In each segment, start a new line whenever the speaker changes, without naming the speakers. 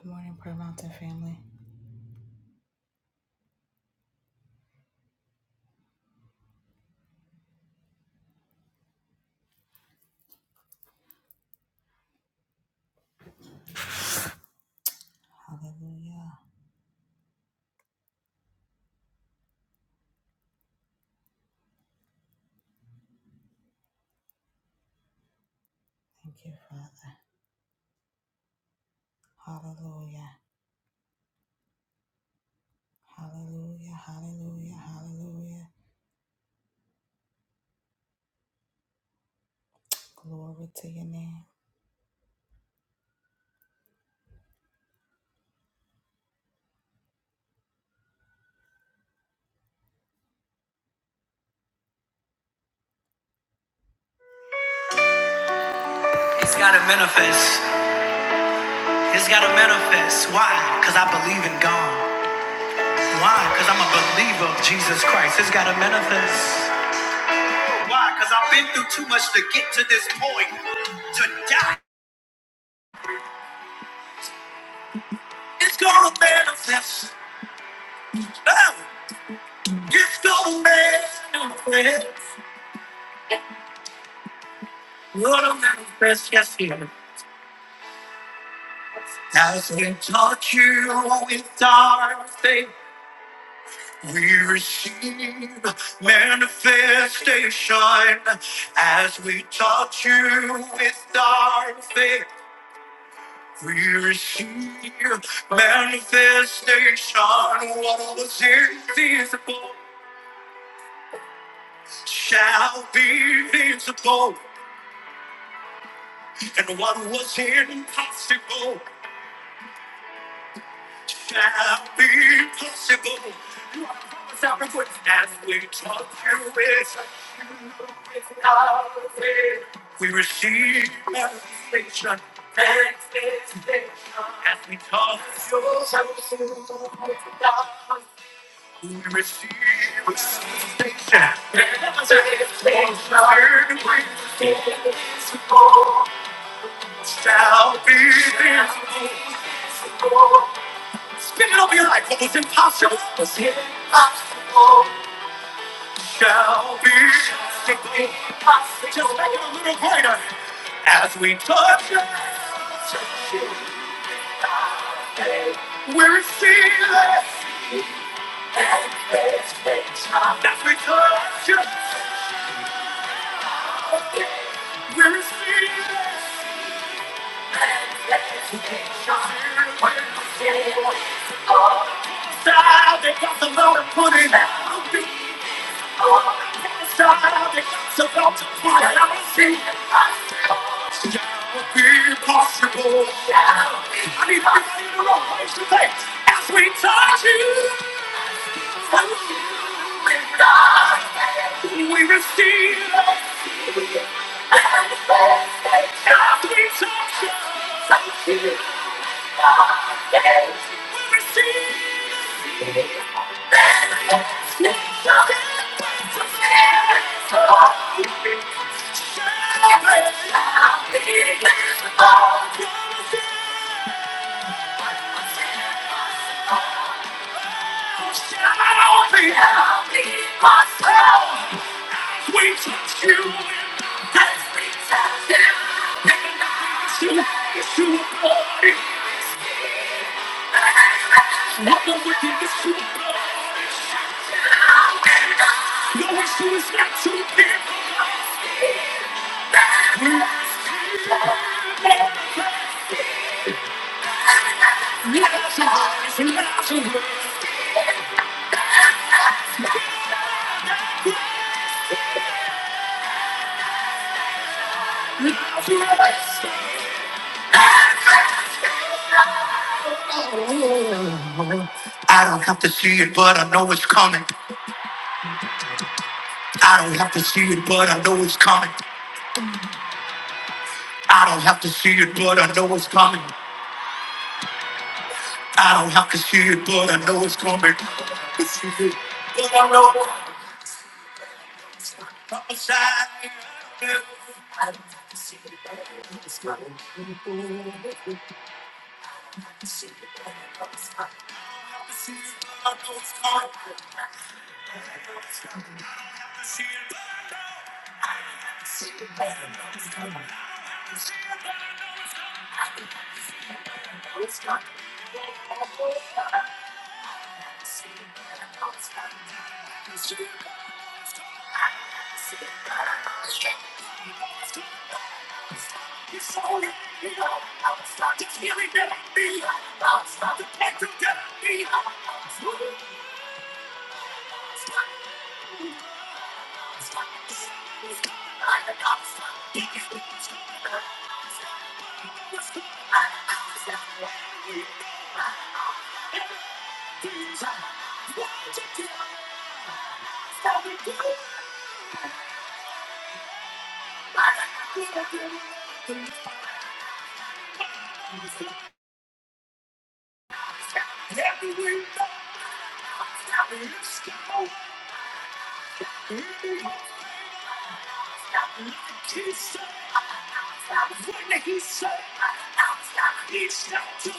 Good morning, Prayer Mountain family. Hallelujah. Thank you, Father. Hallelujah. Hallelujah. Hallelujah. Hallelujah. Glory to your name. It's got to manifest. It's got to manifest. Why? Because I believe in God. Why? Because I'm a believer of Jesus Christ. It's got to manifest. Why? Because I've been through too much to get to this point to die. It's going to manifest. Oh, It's going to manifest. Going to manifest. Yes, here. As we touch you with our faith, we receive manifestation. As we touch you with our faith, we receive manifestation. What was invisible shall be visible, and what was impossible. shall be possible. You are promised out of witness as we talk you with you with our faith. We receive manifestation, manifestation as we talk your soul. with God. We receive manifestation, manifestation. Word we receive shall be visible. Speak it over your life. What was impossible was here. impossible. Shall be simply possible. Just make it a little greater. As we touch it, touch it, we receive it. As we touch it, we receive it. Side, they got the Lord put in. So go to fire, I will see it. shall be possible. I need everybody in the room, raise your face. As we touch you, we receive. As we touch you, we receive. I'll be happy myself as we touch you as we touch him. And I should ask you about it. What the wickedness to God. No issue is not to him. Love's eyes and love's away. Love's away. I don't have to see it, but I know it's coming. I don't have to see it, but I know it's coming. I don't have to see it, but I know it's coming. I don't have to see it, but I know it's coming. Everywhere, I'm He said, when he said, he shall do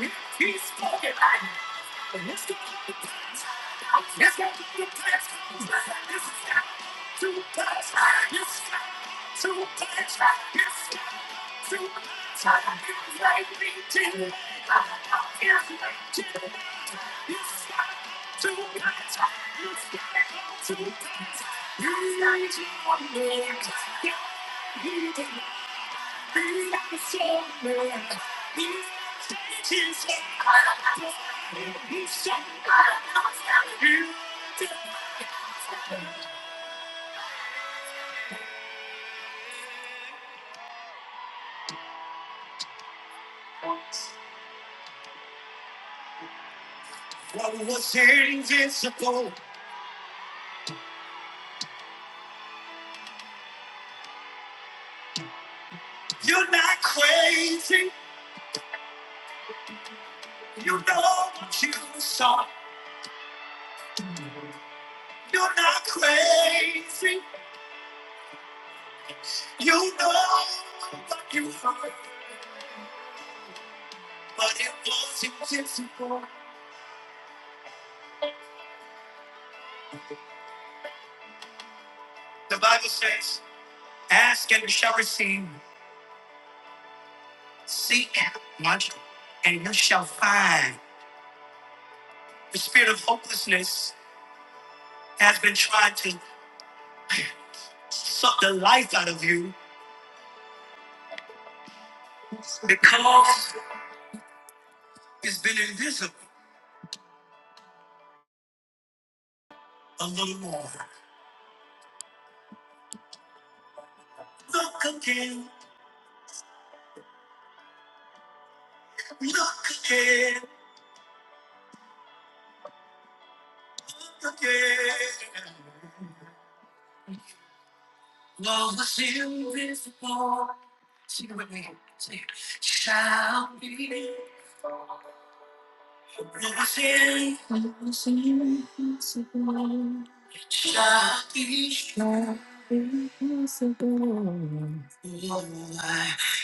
it. He spoke it. And let's go to the past. Let's go to the past. It's time to pass. It's time to pass. It's time to pass. It's like me to It's like we did. What was invisible? You're not crazy. You know what you saw. You're not crazy. You know what you heard, but it was invisible. The Bible says. Ask and you shall receive. Seek, watch, and you shall find. The spirit of hopelessness has been trying to suck the life out of you because it's been invisible a little more. Look again, look again, look again. Love was invisible. Sing it with me. Sing it. Shall be. Love was in. Shall be.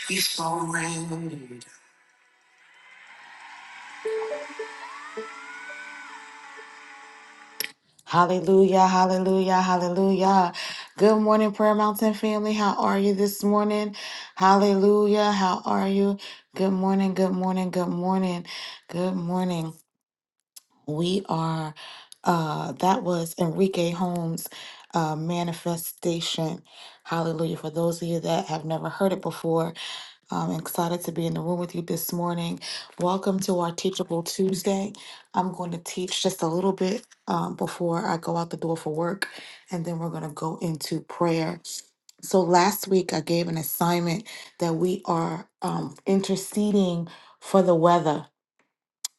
He's so great. Hallelujah, hallelujah, hallelujah. Good morning, Prayer Mountain family. How are you this morning? Hallelujah, how are you? Good morning, good morning, good morning, good morning. We are, uh, that was Enrique Holmes' uh, manifestation. Hallelujah. For those of you that have never heard it before, I'm excited to be in the room with you this morning. Welcome to our Teachable Tuesday. I'm going to teach just a little bit um, before I go out the door for work, and then we're going to go into prayer. So last week I gave an assignment that we are um, interceding for the weather.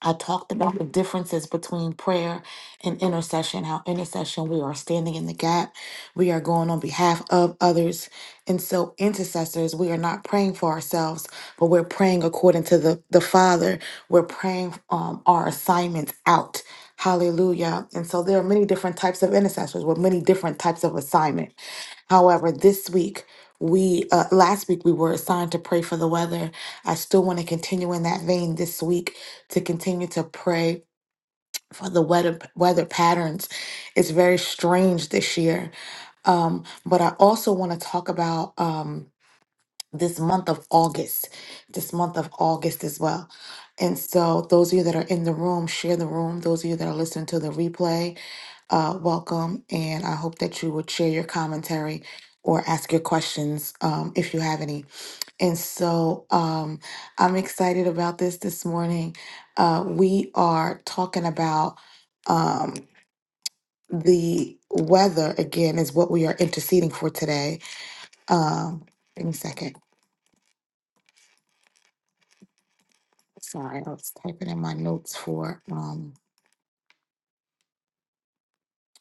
I talked about the differences between prayer and intercession, how intercession we are standing in the gap, we are going on behalf of others. And so, intercessors, we are not praying for ourselves, but we're praying according to the, the Father. We're praying um, our assignments out. Hallelujah. And so, there are many different types of intercessors with many different types of assignment. However, this week, we uh, last week we were assigned to pray for the weather. I still want to continue in that vein this week to continue to pray for the weather weather patterns. It's very strange this year. Um, but I also want to talk about. Um, this month of August, this month of August as well. And so, those of you that are in the room, share the room. Those of you that are listening to the replay, uh, welcome. And I hope that you would share your commentary or ask your questions um, if you have any. And so, um, I'm excited about this this morning. Uh, we are talking about um, the weather again, is what we are interceding for today. Um, give me a second. Sorry, I was typing in my notes for um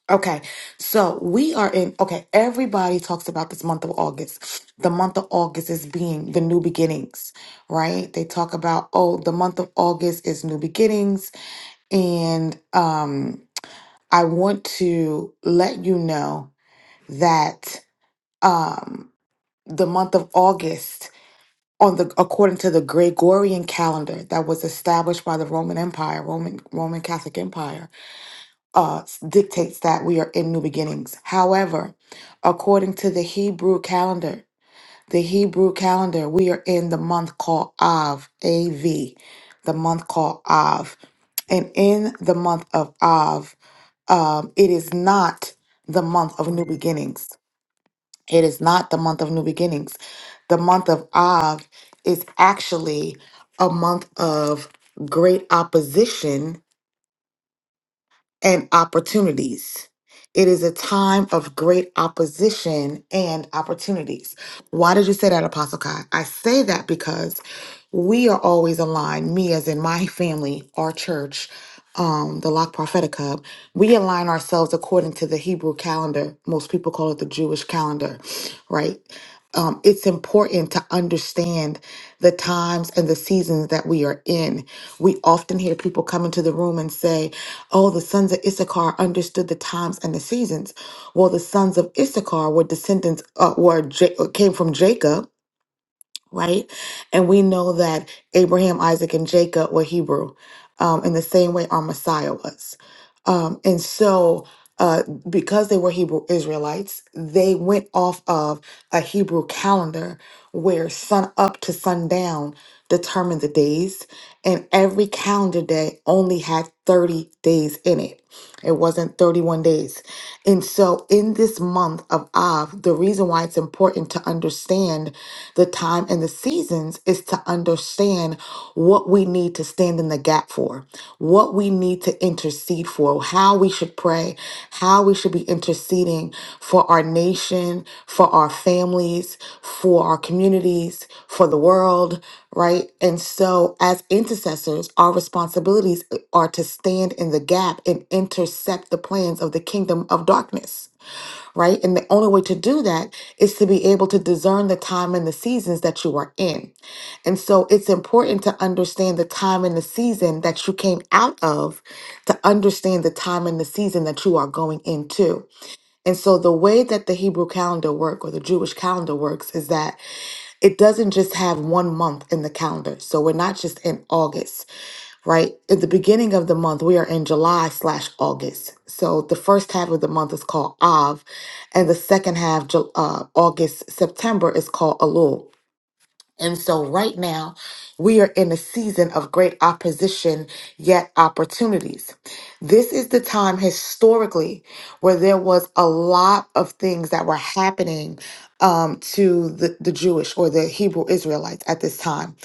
okay. So we are in okay, everybody talks about this month of August. The month of August is being the new beginnings, right? They talk about, oh, the month of August is new beginnings. And um I want to let you know that um the month of August on the according to the Gregorian calendar that was established by the Roman Empire, Roman Roman Catholic Empire uh, dictates that we are in new beginnings. However, according to the Hebrew calendar, the Hebrew calendar, we are in the month called Av, A V, the month called Av. And in the month of Av, um, it is not the month of new beginnings. It is not the month of new beginnings. The month of Av is actually a month of great opposition and opportunities. It is a time of great opposition and opportunities. Why did you say that, Apostle Kai? I say that because we are always aligned, me as in my family, our church, um, the Lock Prophetic Hub, we align ourselves according to the Hebrew calendar. Most people call it the Jewish calendar, right? Um, it's important to understand the times and the seasons that we are in. We often hear people come into the room and say, Oh, the sons of Issachar understood the times and the seasons. Well, the sons of Issachar were descendants, uh, were J- came from Jacob, right? And we know that Abraham, Isaac, and Jacob were Hebrew um, in the same way our Messiah was. Um, and so, uh, because they were Hebrew Israelites, they went off of a Hebrew calendar where sun up to sundown determined the days, and every calendar day only had 30 days in it. It wasn't 31 days. And so, in this month of Av, the reason why it's important to understand the time and the seasons is to understand what we need to stand in the gap for, what we need to intercede for, how we should pray, how we should be interceding for our nation, for our families, for our communities, for the world, right? And so, as intercessors, our responsibilities are to stand in the gap and intercept the plans of the kingdom of darkness right? And the only way to do that is to be able to discern the time and the seasons that you are in. And so it's important to understand the time and the season that you came out of to understand the time and the season that you are going into. And so the way that the Hebrew calendar work or the Jewish calendar works is that it doesn't just have one month in the calendar. So we're not just in August, right? At the beginning of the month, we are in July slash August. So the first half of the month is called Av, and the second half, Ju- uh, August, September, is called Elul. And so, right now, we are in a season of great opposition, yet opportunities. This is the time historically where there was a lot of things that were happening um, to the, the Jewish or the Hebrew Israelites at this time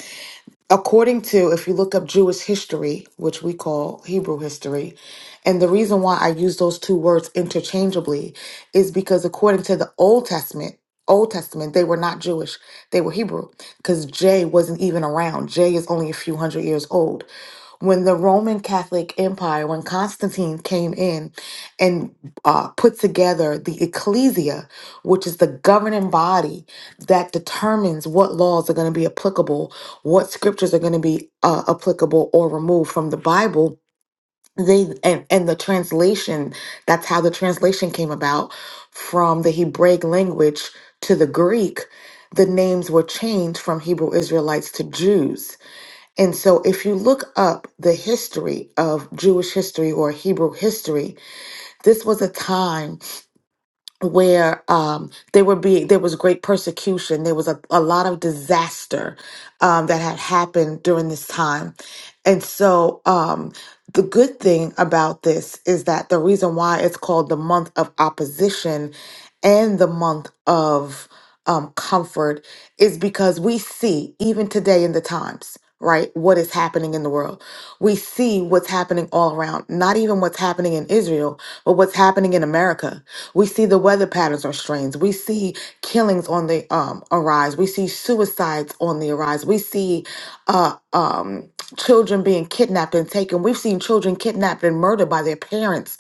according to if you look up Jewish history, which we call Hebrew history, and the reason why I use those two words interchangeably is because according to the Old Testament, Old Testament, they were not Jewish. They were Hebrew because J wasn't even around. J is only a few hundred years old when the Roman Catholic Empire, when Constantine came in and uh, put together the ecclesia, which is the governing body that determines what laws are going to be applicable, what scriptures are going to be uh, applicable or removed from the Bible. They and, and the translation, that's how the translation came about from the Hebraic language to the Greek. The names were changed from Hebrew Israelites to Jews and so, if you look up the history of Jewish history or Hebrew history, this was a time where um, there would be there was great persecution. There was a, a lot of disaster um, that had happened during this time, and so um, the good thing about this is that the reason why it's called the month of opposition and the month of um, comfort is because we see, even today in the times, right, what is happening in the world. We see what's happening all around, not even what's happening in Israel, but what's happening in America. We see the weather patterns are strange. We see killings on the um, arise. We see suicides on the arise. We see uh, um, children being kidnapped and taken. We've seen children kidnapped and murdered by their parents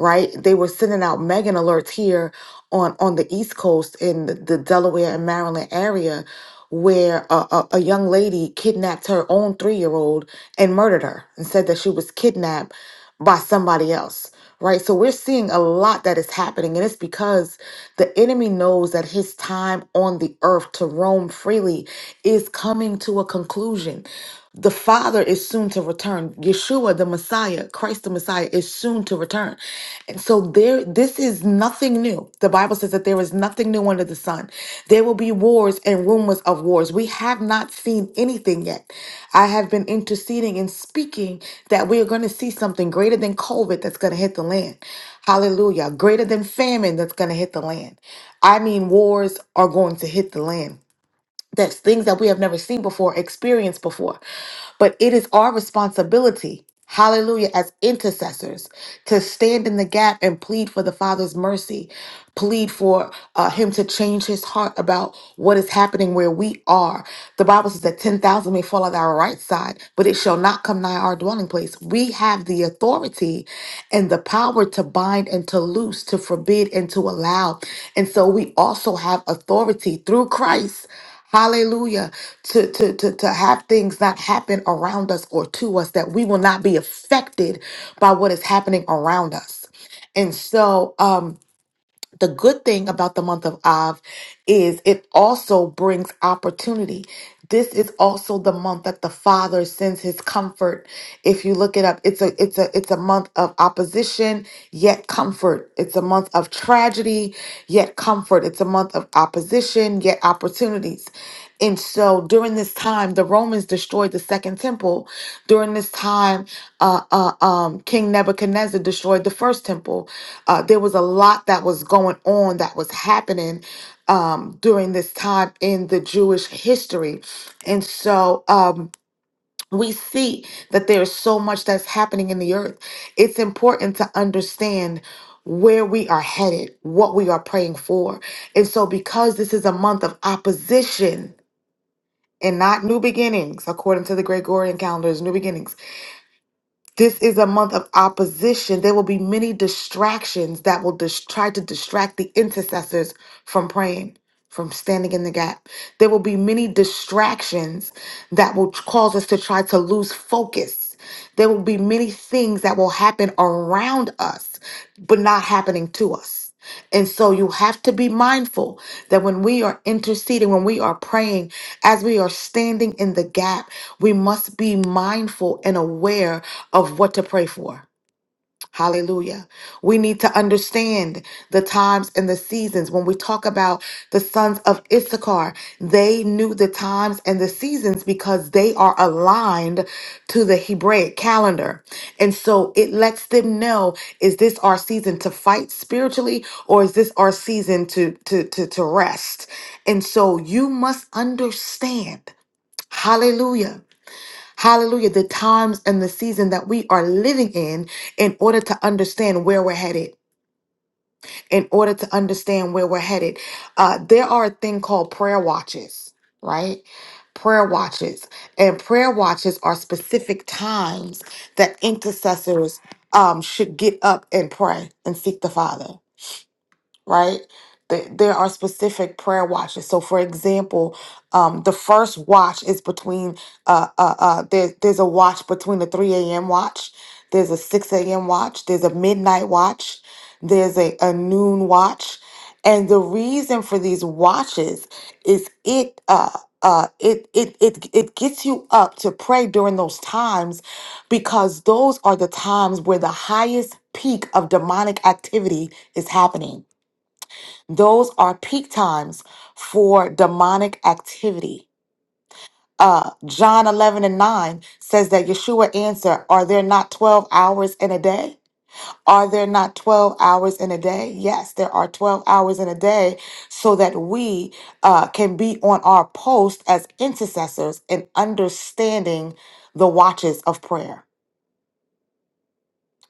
right? They were sending out Megan alerts here on on the East Coast in the, the Delaware and Maryland area where a, a, a young lady kidnapped her own three year old and murdered her and said that she was kidnapped by somebody else. Right. So we're seeing a lot that is happening, and it's because the enemy knows that his time on the earth to roam freely is coming to a conclusion. The Father is soon to return. Yeshua, the Messiah, Christ the Messiah, is soon to return. And so there, this is nothing new. The Bible says that there is nothing new under the sun. There will be wars and rumors of wars. We have not seen anything yet. I have been interceding and speaking that we are going to see something greater than COVID that's going to hit the land. Hallelujah. Greater than famine that's going to hit the land. I mean, wars are going to hit the land. That's things that we have never seen before, experienced before. But it is our responsibility, hallelujah, as intercessors to stand in the gap and plead for the Father's mercy, plead for uh, Him to change His heart about what is happening where we are. The Bible says that 10,000 may fall at our right side, but it shall not come nigh our dwelling place. We have the authority and the power to bind and to loose, to forbid and to allow. And so we also have authority through Christ. Hallelujah. To, to, to, to have things not happen around us or to us, that we will not be affected by what is happening around us. And so, um, the good thing about the month of Av is it also brings opportunity. This is also the month that the Father sends his comfort. If you look it up, it's a it's a it's a month of opposition yet comfort. It's a month of tragedy yet comfort. It's a month of opposition yet opportunities. And so during this time, the Romans destroyed the second temple. During this time, uh, uh, um, King Nebuchadnezzar destroyed the first temple. Uh, there was a lot that was going on that was happening um, during this time in the Jewish history. And so um, we see that there is so much that's happening in the earth. It's important to understand where we are headed, what we are praying for. And so, because this is a month of opposition, and not new beginnings, according to the Gregorian calendars, new beginnings. This is a month of opposition. There will be many distractions that will dis- try to distract the intercessors from praying, from standing in the gap. There will be many distractions that will cause us to try to lose focus. There will be many things that will happen around us, but not happening to us us. And so you have to be mindful that when we are interceding, when we are praying, as we are standing in the gap, we must be mindful and aware of what to pray for. Hallelujah. We need to understand the times and the seasons. When we talk about the sons of Issachar, they knew the times and the seasons because they are aligned to the Hebraic calendar. And so it lets them know is this our season to fight spiritually or is this our season to to to, to rest? And so you must understand. Hallelujah Hallelujah, the times and the season that we are living in, in order to understand where we're headed, in order to understand where we're headed. Uh, there are a thing called prayer watches, right? Prayer watches. And prayer watches are specific times that intercessors um, should get up and pray and seek the Father right? There there are specific prayer watches. So, for example, um, the first watch is between, uh, uh, uh, there, there's a watch between the 3 a.m. watch, there's a 6 a.m. watch, there's a midnight watch, there's a, a noon watch. And the reason for these watches is it, uh, uh, it, it it it gets you up to pray during those times because those are the times where the highest peak of demonic activity is happening those are peak times for demonic activity. Uh, John 11 and 9 says that Yeshua answered, Are there not 12 hours in a day? Are there not 12 hours in a day? Yes, there are 12 hours in a day so that we uh, can be on our post as intercessors and understanding the watches of prayer.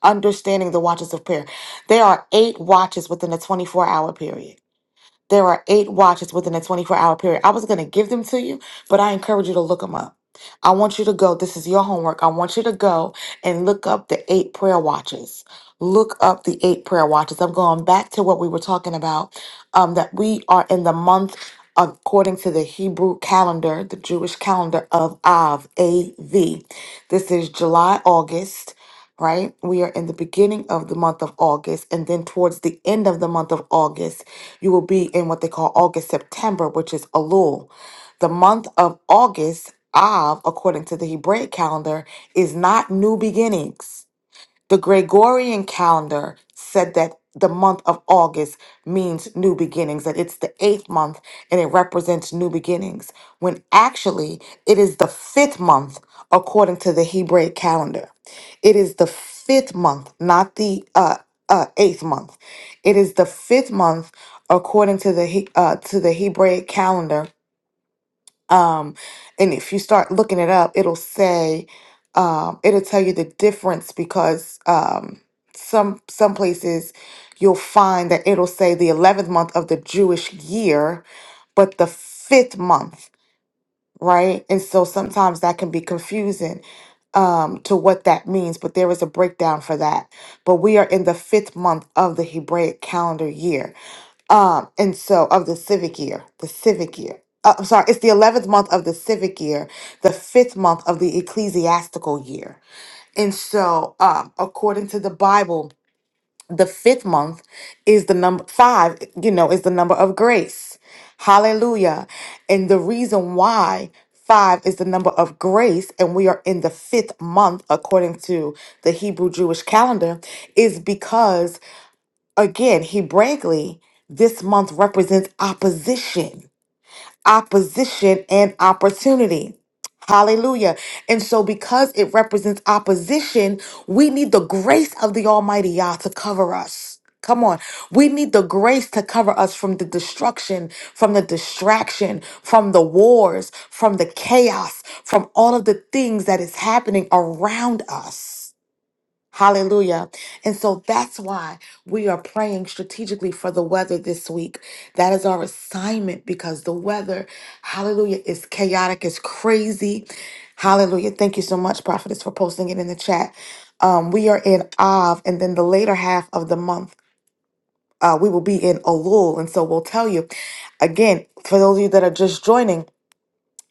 Understanding the watches of prayer. There are eight watches within a 24 hour period There are eight watches within a 24 hour period. I was going to give them to you, but I encourage you to look them up. I want you to go. This is your homework. I want you to go and look up the eight prayer watches. Look up the eight prayer watches. I'm going back to what we were talking about um, that we are in the month according to the Hebrew calendar, the Jewish calendar of Av, A-V. This is July, August, right? We are in the beginning of the month of August, and then towards the end of the month of August, you will be in what they call August, September, which is Elul. The month of August, Av, according to the Hebraic calendar, is not new beginnings. The Gregorian calendar said that the month of August means new beginnings, that it's the eighth month and it represents new beginnings, when actually it is the fifth month according to the Hebraic calendar. It is the fifth month, not the uh, uh, eighth month. It is the fifth month according to the He- uh, to the Hebraic calendar um, and if you start looking it up, it'll say, um, it'll tell you the difference because um, some some places you'll find that it'll say the eleventh month of the Jewish year, but the fifth month right? And so sometimes that can be confusing um, to what that means, but there is a breakdown for that. But we are in the fifth month of the Hebraic calendar year. Um, and so of the civic year, the civic year. Uh, I'm sorry, it's the 11th month of the civic year, the fifth month of the ecclesiastical year. And so, um, according to the Bible, the fifth month is the number five, you know, is the number of grace. Hallelujah. And the reason why five is the number of grace and we are in the fifth month according to the Hebrew Jewish calendar is because, again, Hebraically, this month represents opposition opposition and opportunity. Hallelujah. And so, because it represents opposition, we need the grace of the Almighty Yah to cover us. Come on. We need the grace to cover us from the destruction, from the distraction, from the wars, from the chaos, from all of the things that is happening around us. Hallelujah. And so that's why we are praying strategically for the weather this week. That is our assignment because the weather, hallelujah, is chaotic, is crazy. Hallelujah. Thank you so much, Prophetess, for posting it in the chat. Um, we are in Av, and then the later half of the month, uh, we will be in Elul. And so we'll tell you again, for those of you that are just joining,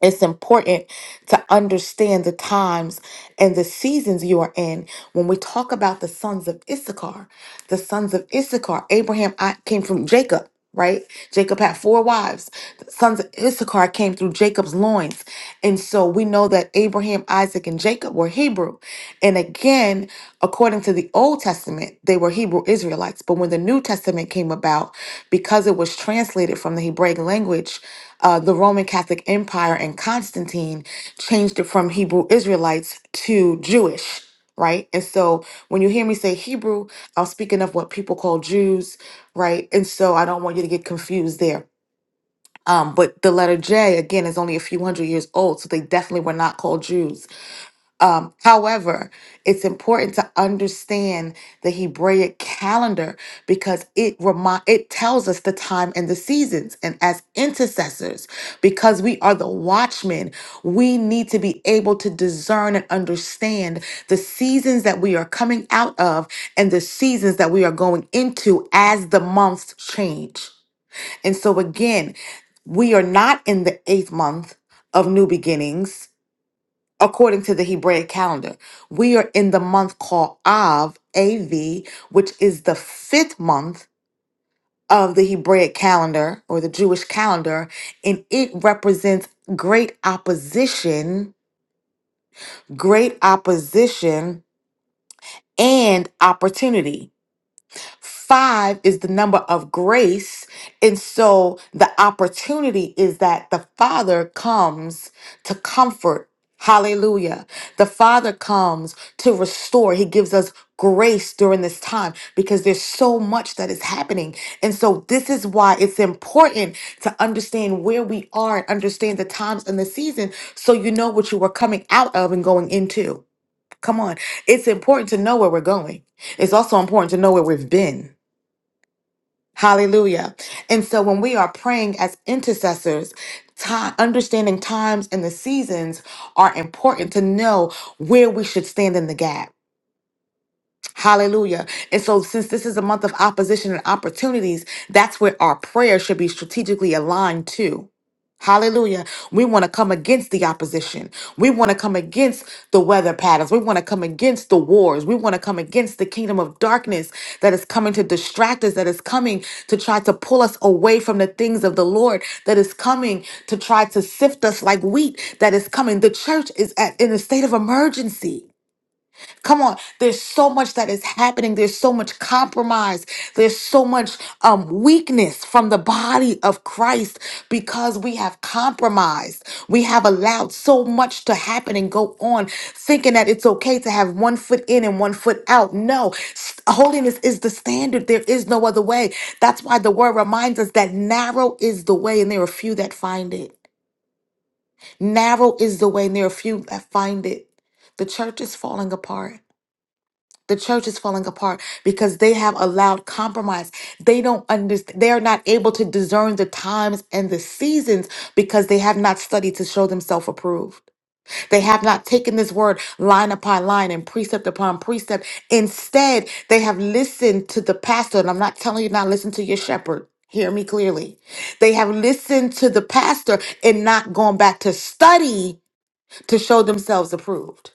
it's important to understand the times and the seasons you are in. When we talk about the sons of Issachar, the sons of Issachar, Abraham I, came from Jacob, right? Jacob had four wives. The sons of Issachar came through Jacob's loins. And so we know that Abraham, Isaac, and Jacob were Hebrew. And again, according to to the Old Testament, they were Hebrew Israelites. But when the New Testament came about, because it was translated from the Hebraic language, uh, the Roman Catholic Empire and Constantine changed it from Hebrew Israelites to Jewish, right? And so when you hear me say Hebrew, I'm speaking of what people call Jews, right? And so I don't want you to get confused there. Um, but the letter J, again, is only a few hundred years old, so they definitely were not called Jews. Um, however, it's important to understand the Hebraic calendar because it remind it tells us the time and the seasons. And as intercessors, because we are the watchmen, we need to be able to discern and understand the seasons that we are coming out of and the seasons that we are going into as the months change. And so again, we are not in the eighth month of new beginnings according to the Hebraic calendar. We are in the month called Av, AV, which is the fifth month of the Hebraic calendar or the Jewish calendar, and it represents great opposition, great opposition, and opportunity. Five is the number of grace. And so the opportunity is that the Father comes to comfort. Hallelujah. The Father comes to restore. He gives us grace during this time because there's so much that is happening. And so this is why it's important to understand where we are and understand the times and the season so you know what you were coming out of and going into. Come on. It's important to know where we're going. It's also important to know where we've been. Hallelujah. And so when we are praying as intercessors, time, understanding times and the seasons are important to know where we should stand in the gap Hallelujah. And so, since this is a month of opposition and opportunities, that's where our prayer should be strategically aligned to. Hallelujah. We want to come against the opposition. We want to come against the weather patterns. We want to come against the wars. We want to come against the kingdom of darkness that is coming to distract us, that is coming to try to pull us away from the things of the Lord, that is coming to try to sift us like wheat, that is coming. The church is at, in a state of emergency. Come on, there's so much that is happening. There's so much compromise. There's so much um, weakness from the body of Christ because we have compromised. We have allowed so much to happen and go on, thinking that it's okay to have one foot in and one foot out. No, s- holiness is the standard. There is no other way. That's why the word reminds us that narrow is the way and there are few that find it. Narrow is the way and there are few that find it. The church is falling apart. The church is falling apart because they have allowed compromise. They don't understand, they are not able to discern the times and the seasons because they have not studied to show themselves approved. They have not taken this word line upon line and precept upon precept. Instead, they have listened to the pastor. And I'm not telling you not listen to your shepherd. Hear me clearly. They have listened to the pastor and not gone back to study to show themselves approved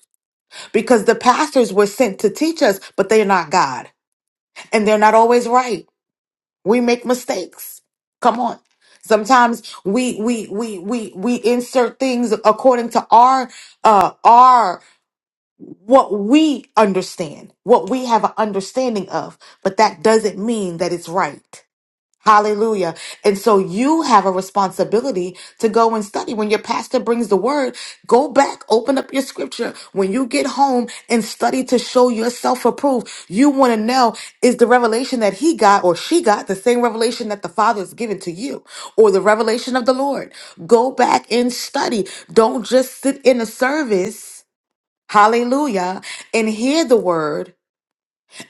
because the pastors were sent to teach us, but they're not God and they're not always right. We make mistakes. Come on. Sometimes we we we we we insert things according to our uh our what we understand, what we have an understanding of, but that doesn't mean that it's right. Hallelujah. And so you have a responsibility to go and study. When your pastor brings the word, go back, open up your scripture. When you get home and study to show yourself approved, you want to know is the revelation that he got or she got the same revelation that the Father has given to you or the revelation of the Lord? Go back and study. Don't just sit in a service. Hallelujah. And hear the word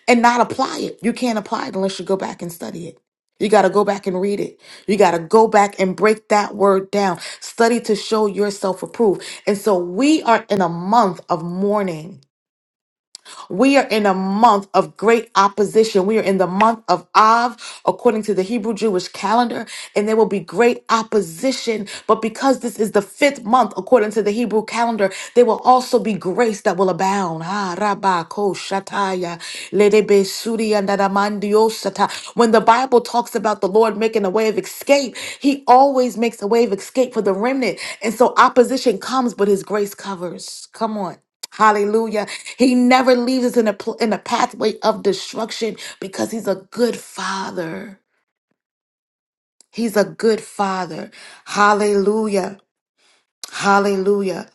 and not apply it. You can't apply it unless you go back and study it. You got to go back and read it. You got to go back and break that word down. Study to show yourself approved. And so we are in a month of mourning. We are in a month of great opposition. We are in the month of Av, according to the Hebrew Jewish calendar, and there will be great opposition. But because this is the fifth month, according to the Hebrew calendar, there will also be grace that will abound. Ah, rabba, ko, shataya, ledebe, suri, andadamandio, sata. When the Bible talks about the Lord making a way of escape, He always makes a way of escape for the remnant. And so opposition comes, but His grace covers. Come on. Hallelujah. He never leaves us in a pl- in a pathway of destruction because he's a good father. He's a good father. Hallelujah. Hallelujah.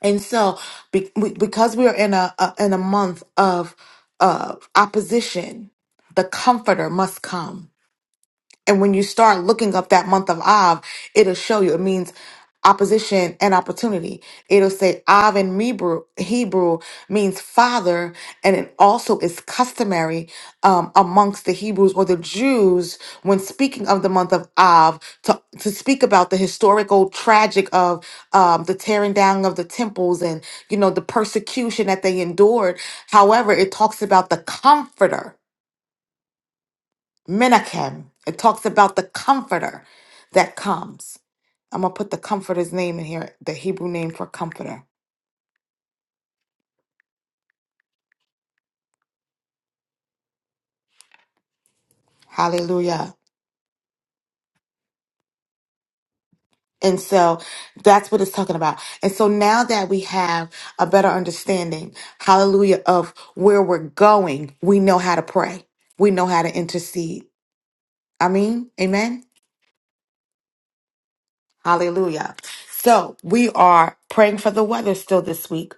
And so be- we- because we are in a, a in a month of of opposition, the comforter must come. And when you start looking up that month of Av, it'll show you. It means opposition and opportunity. It'll say Av in Hebrew, Hebrew means father, and it also is customary um, amongst the Hebrews or the Jews when speaking of the month of Av to, to speak about the historical tragic of um, the tearing down of the temples and you know the persecution that they endured. However, it talks about the comforter Menachem. It talks about the comforter that comes. I'm going to put the comforter's name in here, the Hebrew name for comforter. Hallelujah. And so that's what it's talking about. And so now that we have a better understanding, hallelujah, of where we're going, we know how to pray. We know how to intercede. I mean, amen. Hallelujah. So we are praying for the weather still this week.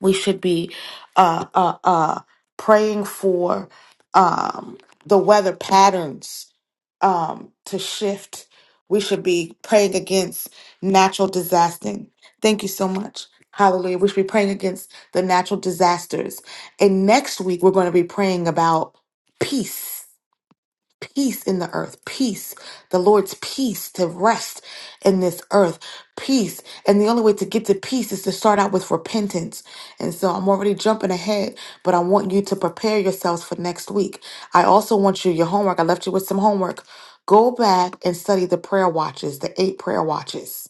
we should be uh, uh, uh, praying for um, the weather patterns um, to shift. We should be praying against natural disaster. Thank you so much. Hallelujah. We should be praying against the natural disasters. And next week, we're going to be praying about peace peace in the earth, peace, the Lord's peace to rest in this earth, peace. And the only way to get to peace is to start out with repentance. And so I'm already jumping ahead, but I want you to prepare yourselves for next week. I also want you, your homework, I left you with some homework. Go back and study the prayer watches, the eight prayer watches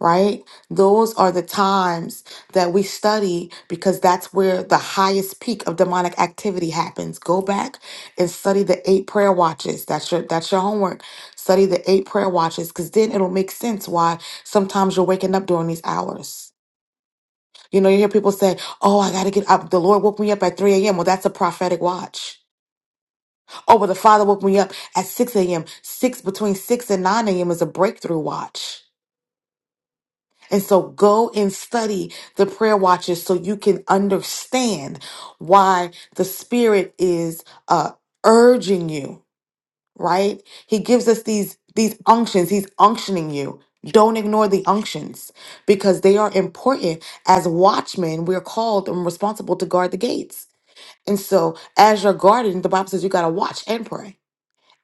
right? Those are the times that we study because that's where the highest peak of demonic activity happens. Go back and study the eight prayer watches. That's your that's your homework. Study the eight prayer watches cuz then it'll make sense why sometimes you're waking up during these hours. You know, you hear people say, "Oh, I got to get up. The Lord woke me up at 3 a.m." Well, that's a prophetic watch. Oh, well, the Father woke me up at 6 a.m. 6 between 6 and 9 a.m. is a breakthrough watch And so go and study the prayer watches so you can understand why the Spirit is uh, urging you, right? He gives us these these unctions. He's unctioning you. Don't ignore the unctions because they are important. As watchmen, we're called and responsible to guard the gates. And so, as you're guarding, the Bible says you got to watch and pray.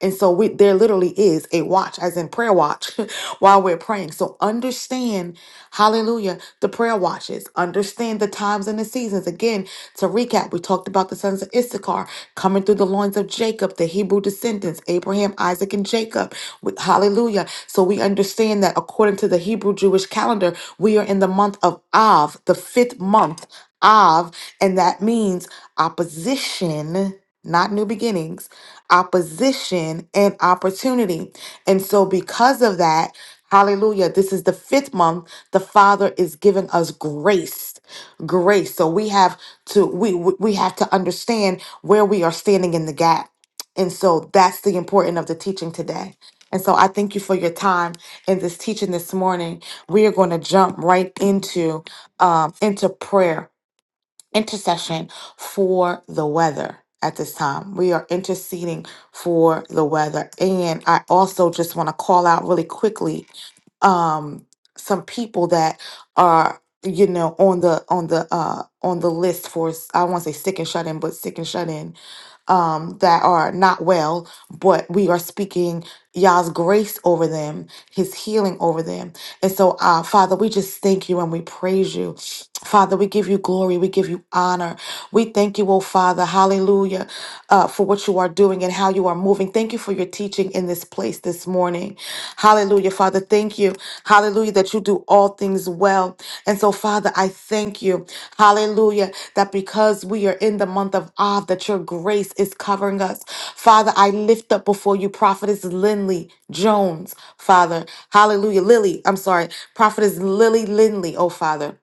And so we, there literally is a watch, as in prayer watch, while we're praying. So understand, hallelujah, the prayer watches. Understand the times and the seasons. Again, to recap, we talked about the sons of Issachar coming through the loins of Jacob, the Hebrew descendants, Abraham, Isaac, and Jacob. We- Hallelujah. So we understand that according to the Hebrew Jewish calendar, we are in the month of Av, the fifth month, Av, and that means opposition not new beginnings, opposition and opportunity. And so, because of that, hallelujah, this is the fifth month. The Father is giving us grace. Grace. So we have to we we we have to understand where we are standing in the gap. And so that's the importance of the teaching today. And so I thank you for your time in this teaching this morning. We are going to jump right into um into prayer intercession for the weather at this time. We are interceding for the weather. And I also just want to call out really quickly um some people that are you know on the on the uh on the list for s- I won't say sick and shut in but sick and shut in um that are not well but we are speaking Yah's grace over them his healing over them and so uh father we just thank you and we praise you father we give you glory we give you honor we thank you oh father hallelujah uh for what you are doing and how you are moving thank you for your teaching in this place this morning Hallelujah, Father. Thank you. Hallelujah, that you do all things well. And so, Father, I thank you. Hallelujah, that because we are in the month of Av, that your grace is covering us. Father, I lift up before you Prophetess Lindley Jones, Father. Hallelujah. Lily, I'm sorry. Prophetess Lily Lindley, oh Father.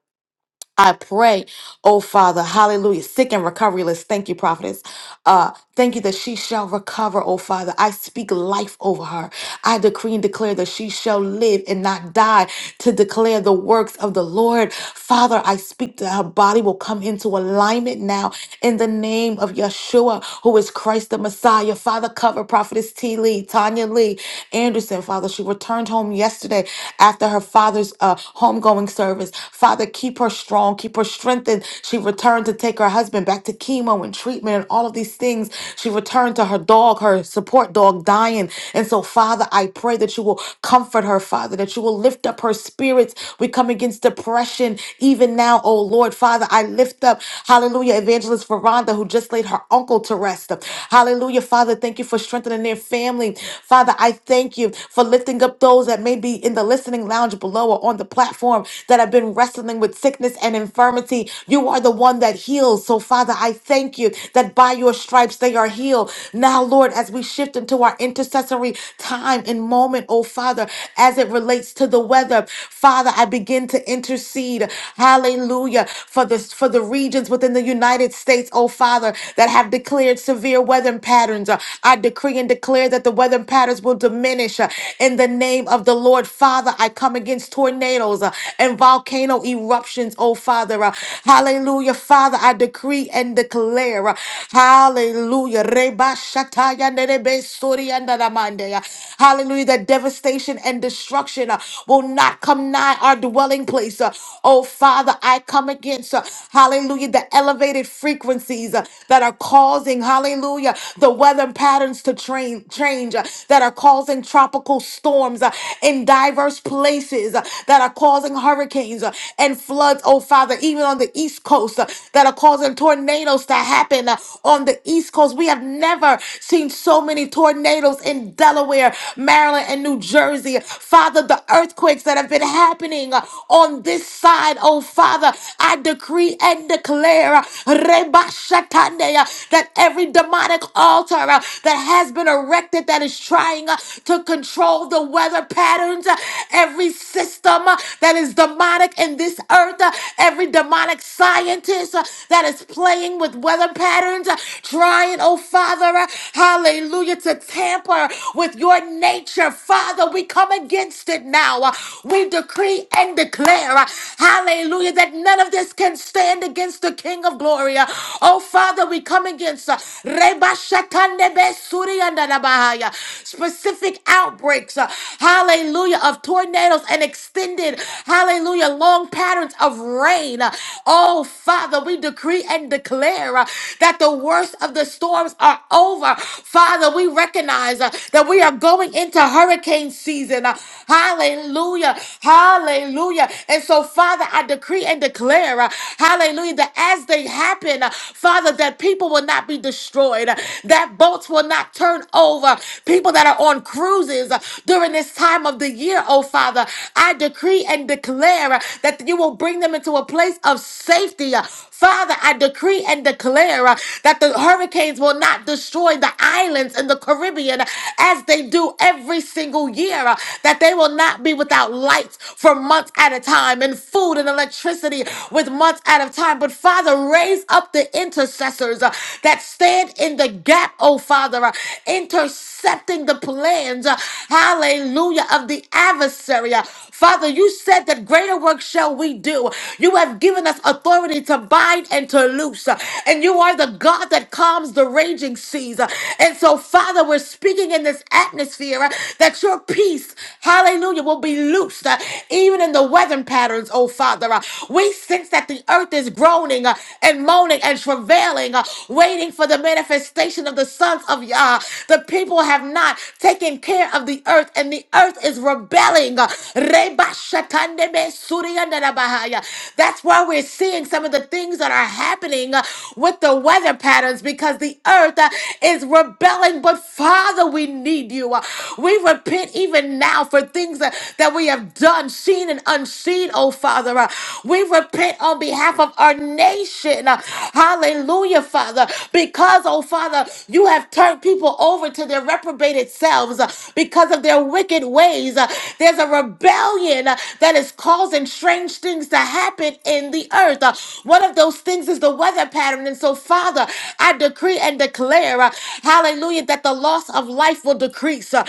I pray, oh Father, hallelujah, sick and recovery list. Thank you, prophetess. Uh, thank you that she shall recover, oh Father. I speak life over her. I decree and declare that she shall live and not die to declare the works of the Lord. Father, I speak that her body will come into alignment now in the name of Yeshua, who is Christ the Messiah. Father, cover prophetess T. Lee, Tanya Lee Anderson, Father. She returned home yesterday after her father's uh, homegoing ongoing service. Father, keep her strong, keep her strengthened. She returned to take her husband back to chemo and treatment and all of these things. She returned to her dog, her support dog, dying. And so, Father, I pray that you will comfort her, Father, that you will lift up her spirits. We come against depression even now, oh Lord. Father, I lift up, hallelujah, evangelist Veranda, who just laid her uncle to rest. Hallelujah, Father, thank you for strengthening their family. Father, I thank you for lifting up those that may be in the list listening lounge below or on the platform that have been wrestling with sickness and infirmity. You are the one that heals. So, Father, I thank you that by your stripes they are healed. Now, Lord, as we shift into our intercessory time and moment, oh Father, as it relates to the weather, Father, I begin to intercede. Hallelujah. For this for the regions within the United States, oh Father, that have declared severe weather patterns. Uh, I decree and declare that the weather patterns will diminish. Uh, in the name of the Lord, Father, I come against tornadoes uh, and volcano eruptions, oh Father. uh, hallelujah, Father, I decree and declare. uh, hallelujah. Reba shataya nerebe soria naramande, uh, Hallelujah. That devastation and destruction uh, will not come nigh our dwelling place. uh, oh Father, I come against, uh, hallelujah, the elevated frequencies uh, that are causing, hallelujah, the weather patterns to train, change change uh, that are causing tropical storms uh, in diverse places uh, that are causing hurricanes uh, and floods, oh Father, even on the East Coast uh, that are causing tornadoes to happen uh, on the East Coast. We have never seen so many tornadoes in Delaware, Maryland, and New Jersey. Father, the earthquakes that have been happening uh, on this side, oh Father, I decree and declare uh, Reba Shatande, uh, that every demonic altar uh, that has been erected that is trying uh, to control the weather patterns, uh, every system uh, that is demonic in this earth, uh, every demonic scientist uh, that is playing with weather patterns, uh, trying, oh Father, uh, hallelujah, to tamper with your nature. Father, we come against it now. Uh, We decree and declare, uh, hallelujah, that none of this can stand against the King of glory. Uh, Oh Father, we come against uh, Reba Shakande Be Suri Anda Da Bahaya, specific outbreaks, uh, hallelujah, of tornadoes and extended, hallelujah, long patterns of rain. Uh, Oh, Father, we decree and declare uh, that the worst of the storms are over. Father, we recognize uh, that we are going into hurricane season. Uh, Hallelujah. Hallelujah. And so, Father, I decree and declare, uh, hallelujah, that as as they happen, uh, Father, that people will not be destroyed, uh, that boats will not turn over. People that are on cruises uh, during this time of the year, oh Father, I decree and declare uh, that you will bring them into a place of safety. uh, Father, I decree and declare uh, that the hurricanes will not destroy the islands in the Caribbean uh, as they do every single year, uh, that they will not be without lights for months at a time and food and electricity away with months at a time. But Father, raise up the intercessors uh, that stand in the gap, oh Father, uh, intercepting the plans, uh, hallelujah, of the adversary. uh. Father, you said that greater work shall we do. You have given us authority to bind and to loose, uh, and you are the God that calms the raging seas. uh. And so, Father, we're speaking in this atmosphere uh, that your peace, hallelujah, will be loosed, uh, even in the west weather patterns, oh Father. Uh, We sense that the earth is groaning uh, and moaning and travailing, uh, waiting for the manifestation of the sons of Yah. The people have not taken care of the earth, and the earth is rebelling. Uh, Reba shatande me surianda bahaya. That's why we're seeing some of the things that are happening uh, with the weather patterns because the earth uh, is rebelling. But Father, we need you. Uh, We repent even now for things uh, that we have done, seen and unseen, oh Father. Uh, We repent on behalf of our nation. Uh, Hallelujah, Father. Because, oh Father, you have turned people over to their reprobated selves uh, because of their wicked ways. Uh, There's a rebellion uh, that is causing strange things to happen in the earth. Uh, One of those things is the weather pattern. And so, Father, I decree and declare, uh, hallelujah, that the loss of life will decrease. Uh,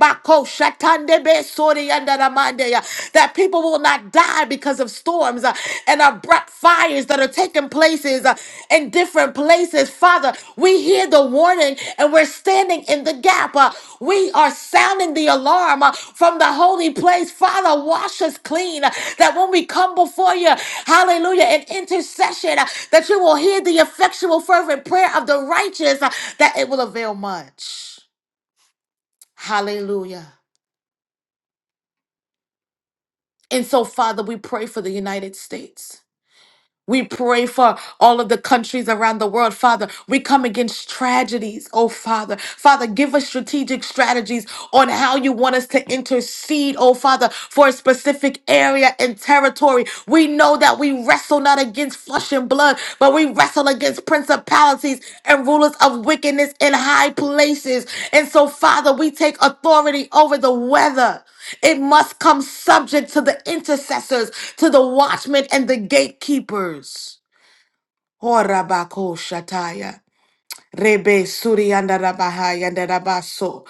Bako shatande be sori yanda ramande ya. That people will not die because of storms uh, and abrupt fires that are taking places uh, in different places. Father, we hear the warning and we're standing in the gap. uh, We are sounding the alarm uh, from the holy place. Father, wash us clean uh, that when we come before you, hallelujah, in intercession, uh, that you will hear the effectual, fervent prayer of the righteous, uh, that it will avail much. Hallelujah. And so, Father, we pray for the United States. We pray for all of the countries around the world, Father. We come against tragedies, oh Father. Father, give us strategic strategies on how you want us to intercede, oh Father, for a specific area and territory. We know that we wrestle not against flesh and blood, but we wrestle against principalities and rulers of wickedness in high places. And so, Father, we take authority over the weather. It must come subject to the intercessors, to the watchmen and the gatekeepers. Horabako shataya. Rebe surianda rabahaya nderabaso.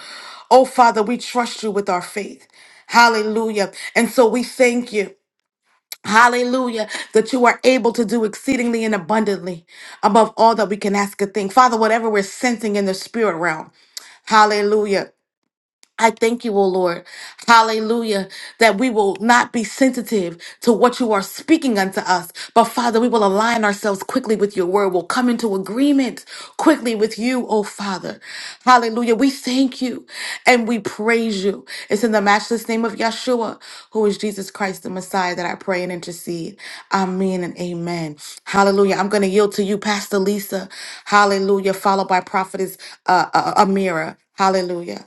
Oh, Father, we trust you with our faith. Hallelujah. And so we thank you. Hallelujah, that you are able to do exceedingly and abundantly above all that we can ask or think. Father, whatever we're sensing in the spirit realm, hallelujah. I thank you, O Lord. Hallelujah. That we will not be sensitive to what you are speaking unto us. But Father, we will align ourselves quickly with your word. We'll come into agreement quickly with you, O Father. Hallelujah. We thank you and we praise you. It's in the matchless name of Yeshua, who is Jesus Christ, the Messiah, that I pray and intercede. Amen and amen. Hallelujah. I'm going to yield to you, Pastor Lisa. Hallelujah. Followed by Prophetess uh, uh, uh, Amira. Hallelujah.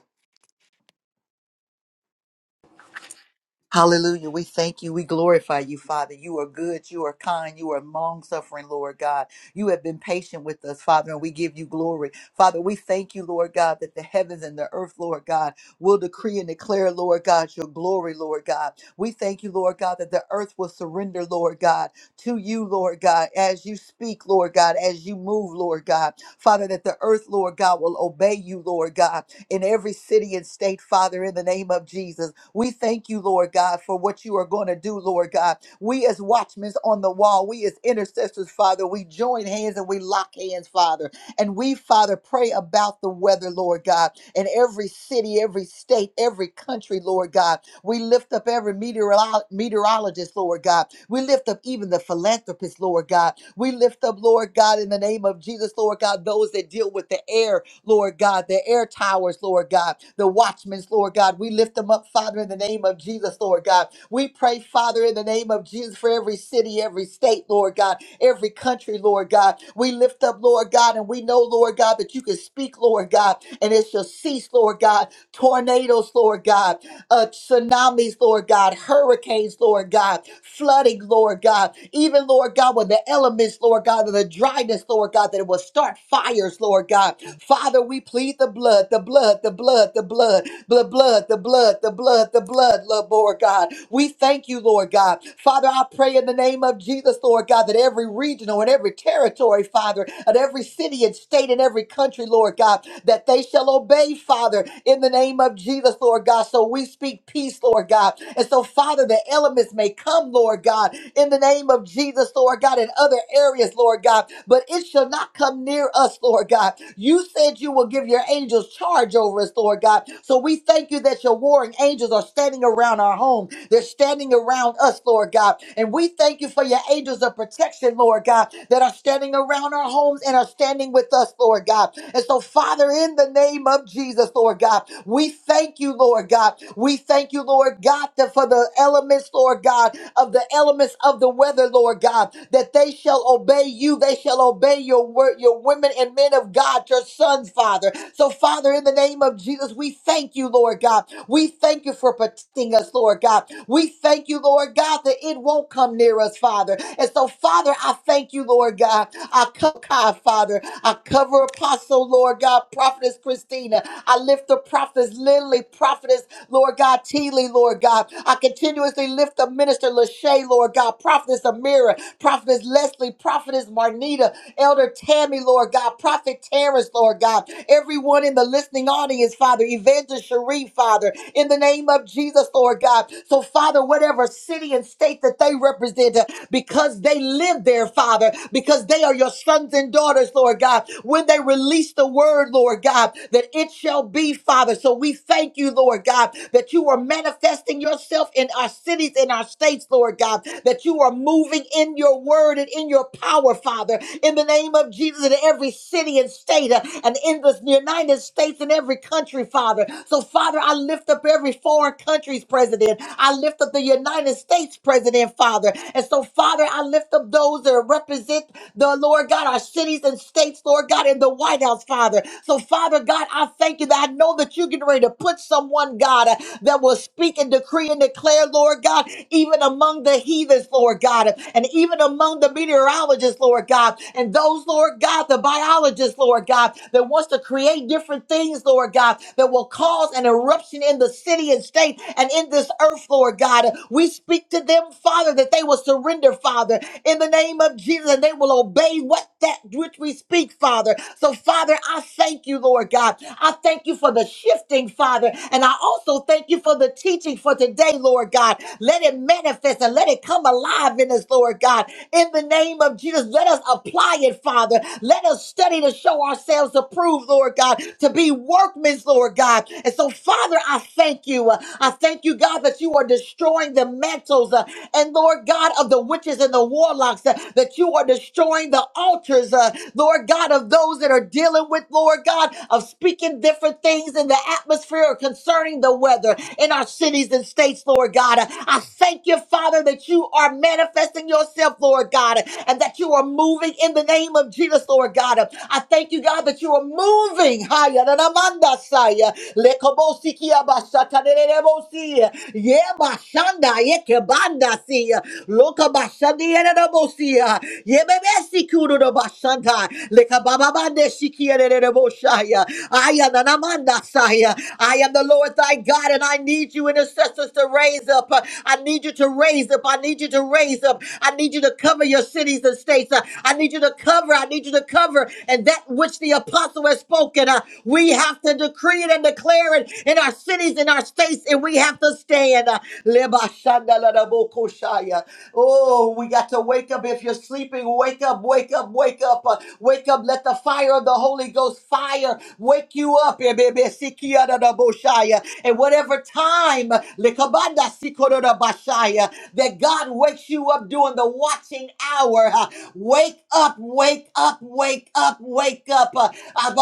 Hallelujah. We thank you. We glorify you, Father. You are good. You are kind. You are long suffering, Lord God. You have been patient with us, Father, and we give you glory. Father, we thank you, Lord God, that the heavens and the earth, Lord God, will decree and declare, Lord God, your glory, Lord God. We thank you, Lord God, that the earth will surrender, Lord God, to you, Lord God, as you speak, Lord God, as you move, Lord God. Father, that the earth, Lord God, will obey you, Lord God in every city and state, Father, in the name of Jesus. We thank you, Lord God, for what you are going to do, Lord God. We as watchmen on the wall, we as intercessors, Father, we join hands and we lock hands, Father. And we, Father, pray about the weather, Lord God, in every city, every state, every country, Lord God. We lift up every meteorolo- meteorologist, Lord God. We lift up even the philanthropist, Lord God. We lift up, Lord God, in the name of Jesus, Lord God, those that deal with the air Lord God, the air towers, Lord God, the watchmen, Lord God. We lift them up, Father, in the name of Jesus, Lord God. We pray, Father, in the name of Jesus, for every city, every state, Lord God, every country, Lord God. We lift up, Lord God, and we know, Lord God, that you can speak, Lord God, and it shall cease, Lord God. Tornadoes, Lord God uh, tsunamis, Lord God, hurricanes, Lord God, flooding, Lord God, even, Lord God, when the elements, Lord God, and the dryness, Lord God, that it will start fires, Lord God. Father, we plead the blood, the blood, the blood, the blood, the blood, the blood, the blood, the blood, Lord God. We thank you, Lord God. Father, I pray in the name of Jesus, Lord God, that every regional and every territory, Father, at every city and state and every country, Lord God, that they shall obey, Father, in the name of Jesus, Lord God. So we speak peace, Lord God. And so, Father, the elements may come, Lord God, in the name of Jesus, Lord God, in other areas, Lord God, but it shall not come near us, Lord God. You said you will give your angels charge over us, Lord God. So we thank you that your warring angels are standing around our home they're standing around us, Lord God. And we thank you for your angels of protection, Lord God, that are standing around our homes and are standing with us, Lord God. And so, Father, in the name of Jesus, Lord God, we thank you, Lord God. We thank you, Lord God, that for the elements, Lord God, of the elements of the weather, Lord God, that they shall obey you. They shall obey your word, your women and men of God, your sons, Father. So, Father, in the name of Jesus, we thank you, Lord God. We thank you for protecting us, Lord God. We thank you, Lord God, that it won't come near us, Father. And so, Father, I thank you, Lord God. I cover Kai, Father. I cover Apostle, Lord God, Prophetess Christina. I lift the Prophetess Lily, Prophetess. Lord God, Teeley, Lord God. I continuously lift up Minister Lachey, Lord God, Prophetess Amira, Prophetess Leslie, Prophetess Marnita, Elder Tammy, Lord God, Prophet Terrence, Lord God, everyone in the listening audience, Father, Evangelist Cherie, Father, in the name of Jesus, Lord God. So, Father, whatever city and state that they represent, uh, because they live there, Father, because they are your sons and daughters, Lord God, when they release the word, word, Lord God, that it shall be, Father. So we thank you, Lord God, that you are manifesting yourself in our cities, in our states, Lord God, that you are moving in your word and in your power, Father, in the name of Jesus, in every city and state, uh, and in the United States and every country, Father. So, Father, I lift up every foreign country's president. I lift up the United States president, Father. And so, Father, I lift up those that represent the Lord God, our cities and states, Lord God, in the White House, Father. So, Father God, I thank you that I know that you're getting ready to put someone, God, uh, that will speak and decree and declare, Lord God, even among the heathens, Lord God, and even among the meteorologists, Lord God, and those, Lord God, the biologists, Lord God, that wants to create different things, Lord God, that will cause an eruption in the city and state and in this earth, Lord God. We speak to them, Father, that they will surrender, Father, in the the name of Jesus and they will obey what that which we speak, Father. So, Father, I thank you, Lord God. I thank you for the shifting, Father. And I also thank you for the teaching for today, Lord God. Let it manifest and let it come alive in us, Lord God. In the name of Jesus, let us apply it, Father. Let us study to show ourselves approved, Lord God, to be workmen, Lord God. And so, Father, I thank you. Uh, I thank you, God, that you are destroying the mantles uh, and, Lord God, of of the witches and the warlocks, uh, that you are destroying the altars, uh, Lord God, of those that are dealing with, Lord God, of speaking different things in the atmosphere or concerning the weather in our cities and states, Lord God. Uh, I thank you, Father, that you are manifesting yourself, Lord God, uh, and that you are moving in the name of Jesus, Lord God. Uh, I thank you, God, that you are moving. Haya da da manda saya. Lekobosiki abasata de de de bosi. Yeah, Banda see Loka Bashandi and Bosia Yebebesi Kudo Bashanta Leka Baba Bande Shiki and Boshaya I am the Namanda Saya I am the Lord thy God and I need you intercessors to raise up I need you to raise up I need you to raise up I need you to cover your cities and states I need you to cover I need you to cover and that which the apostle has spoken uh, we have to decree it and declare it in our cities in our states and we have to stand Leba shanda la da bo ko shaya. Oh, we got to wake up. If you're sleeping, wake up, wake up, wake up, uh, wake up. Let the fire of the Holy Ghost fire wake you up. eh, baby. Sikia da da bo shaya. And whatever time lekabanda sikoro da ba shaya, that God wakes you up during the watching hour. huh? Wake up, wake up, wake up, wake up. Uh, ah,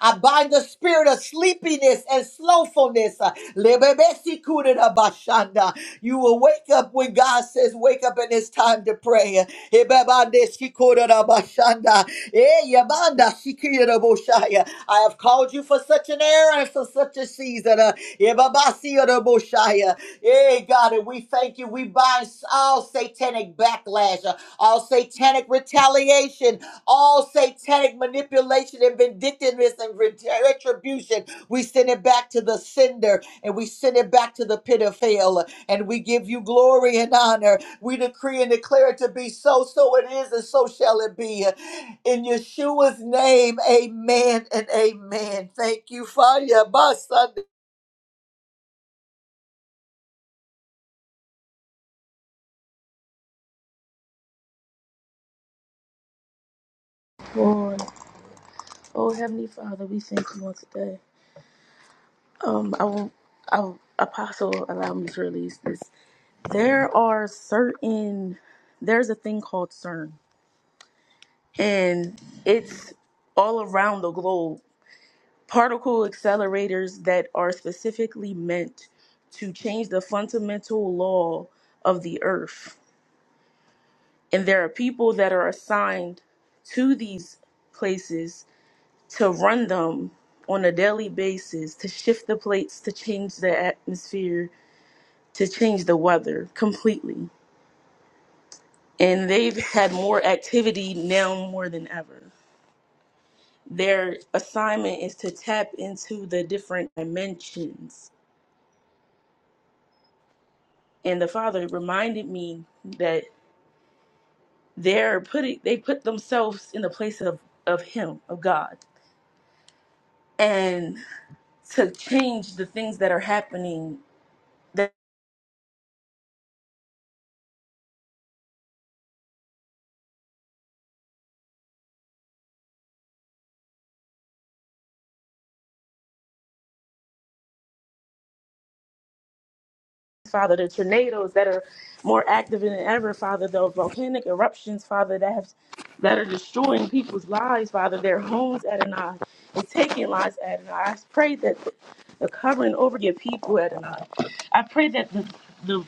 I bind the spirit of sleepiness and slothfulness. Lebebesikudabashanda. You will wake up when God says, Wake up and it's time to pray. Ebebandesikudabashanda. Eh, yabandasikiraboshaya. I have called you for such an era and for such a season. Uh, ebabasiraboshaya. Eh, God, and we thank you. We bind all satanic backlash, uh, all satanic retaliation, all satanic manipulation and vindictiveness and ret- retribution. We send it back to the sender and we send it back to the pit of hell and we give you glory and honor. We decree and declare it to be so, so it is, and so shall it be. In Yeshua's name, amen and amen. Thank you, Fire.
Lord, oh Heavenly Father, we thank you once today. Um, I will, I will, Apostle, allow me to release this. There are certain, there's a thing called CERN, and it's all around the globe. Particle accelerators that are specifically meant to change the fundamental law of the Earth, and there are people that are assigned to these places to run them on a daily basis, to shift the plates, to change the atmosphere, to change the weather completely. And they've had more activity now more than ever. Their assignment is to tap into the different dimensions. And the father reminded me that they're putting they put themselves in the place of, of him, of God. And to change the things that are happening Father, the tornadoes that are more active than ever, Father, the volcanic eruptions, Father, that have that are destroying people's lives, Father, their homes, Adonai, and taking lives, Adonai. I pray that the covering over your people, Adonai. I pray that the, the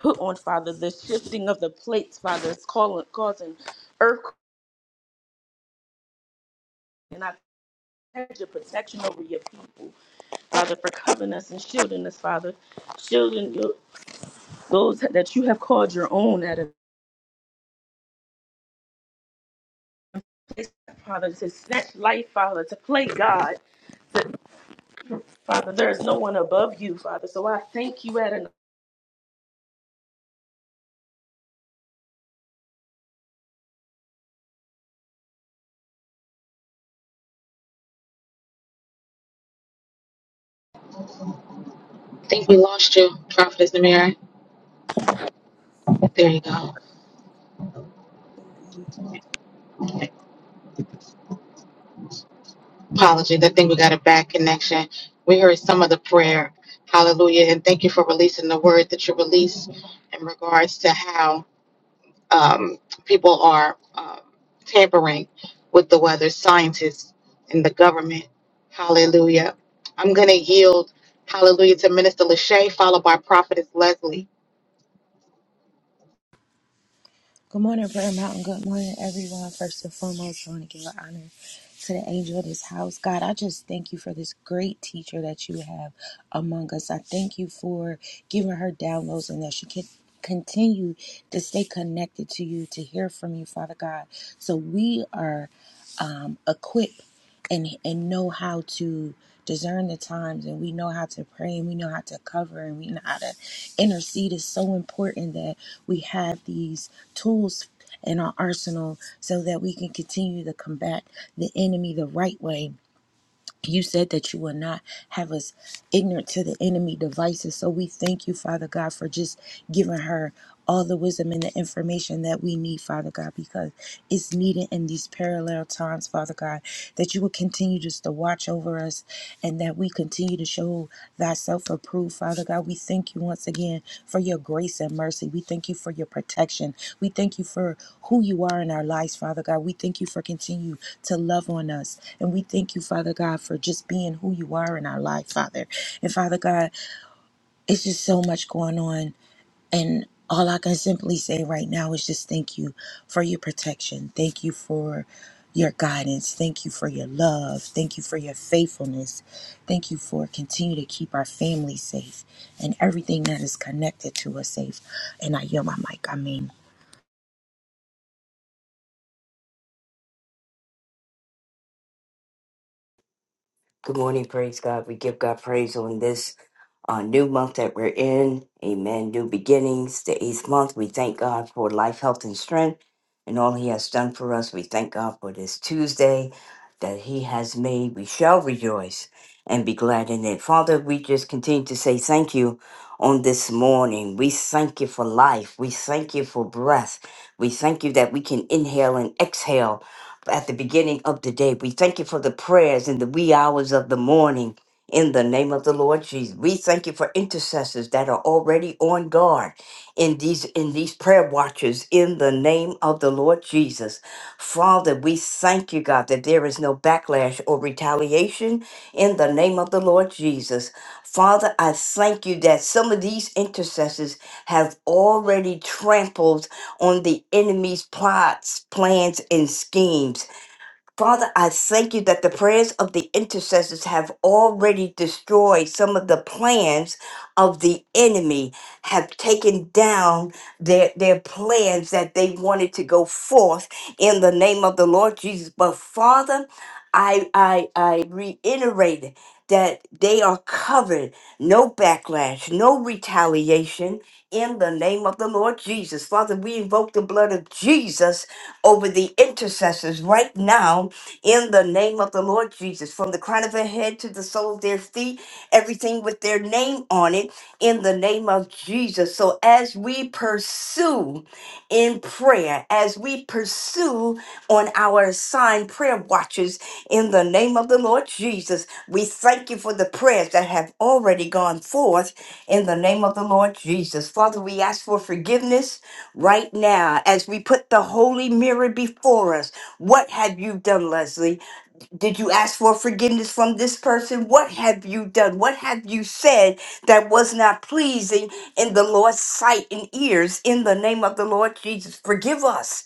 put on, Father, the shifting of the plates, Father, is calling, causing earthquakes. and I pledge your protection over your people, Father, for covering us and shielding us, Father, shielding your, those that you have called your own, Adonai. Father, to snatch life, Father, to play God. That, Father, there is no one above you, Father. So I thank you, Adonai.
I think we lost you, Prophetess Namira. There you go. Apologies. I think we got a bad connection. We heard some of the prayer. Hallelujah. And thank you for releasing the word that you released in regards to how um, people are um, tampering with the weather, scientists and the government. Hallelujah. I'm going to yield, hallelujah, to Minister Lachey, followed by Prophetess Leslie.
Good morning, praise God. We give God praise on this uh, new month that we're in. Amen. New beginnings, the eighth month. We thank God for life, health, and strength and all He has done for us. We thank God for this Tuesday that He has made. We shall rejoice and be glad in it. Father, we just continue to say thank you on this morning. We thank you for life. We thank you for breath. We thank you that we can inhale and exhale. At the beginning of the day, we thank you for the prayers in the wee hours of the morning. In the name of the Lord Jesus, we thank you for intercessors that are already on guard in these in these prayer watches. In the name of the Lord Jesus, Father, we thank you, God, that there is no backlash or retaliation. In the name of the Lord Jesus, Father, I thank you that some of these intercessors have already trampled on the enemy's plots, plans, and schemes Father, I thank you that the prayers of the intercessors have already destroyed some of the plans of the enemy, have taken down their, their plans that they wanted to go forth in the name of the Lord Jesus. But Father, I, I, I reiterate that they are covered, no backlash, no retaliation in the name of the Lord Jesus. Father, we invoke the blood of Jesus over the intercessors right now in the name of the Lord Jesus, from the crown of their head to the sole of their feet, everything with their name on it in the name of Jesus. So as we pursue in prayer, as we pursue on our assigned prayer watches in the name of the Lord Jesus, we thank you for the prayers that have already gone forth in the name of the Lord Jesus. Father, we ask for forgiveness right now as we put the holy mirror before us. What have you done, Leslie? Did you ask for forgiveness from this person? What have you done? What have you said that was not pleasing in the Lord's sight and ears in the name of the Lord Jesus? Forgive us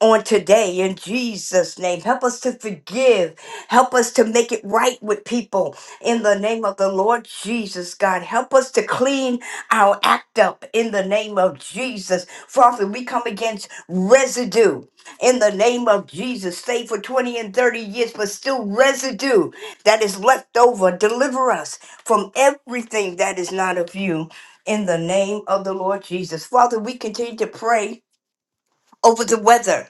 on today in Jesus' name. Help us to forgive. Help us to make it right with people in the name of the Lord Jesus, God. Help us to clean our act up in the name of Jesus. Father, we come against residue in the name of Jesus. Stay for 20 and 30 years, but still residue that is left over. Deliver us from everything that is not of you in the name of the Lord Jesus. Father, we continue to pray over the weather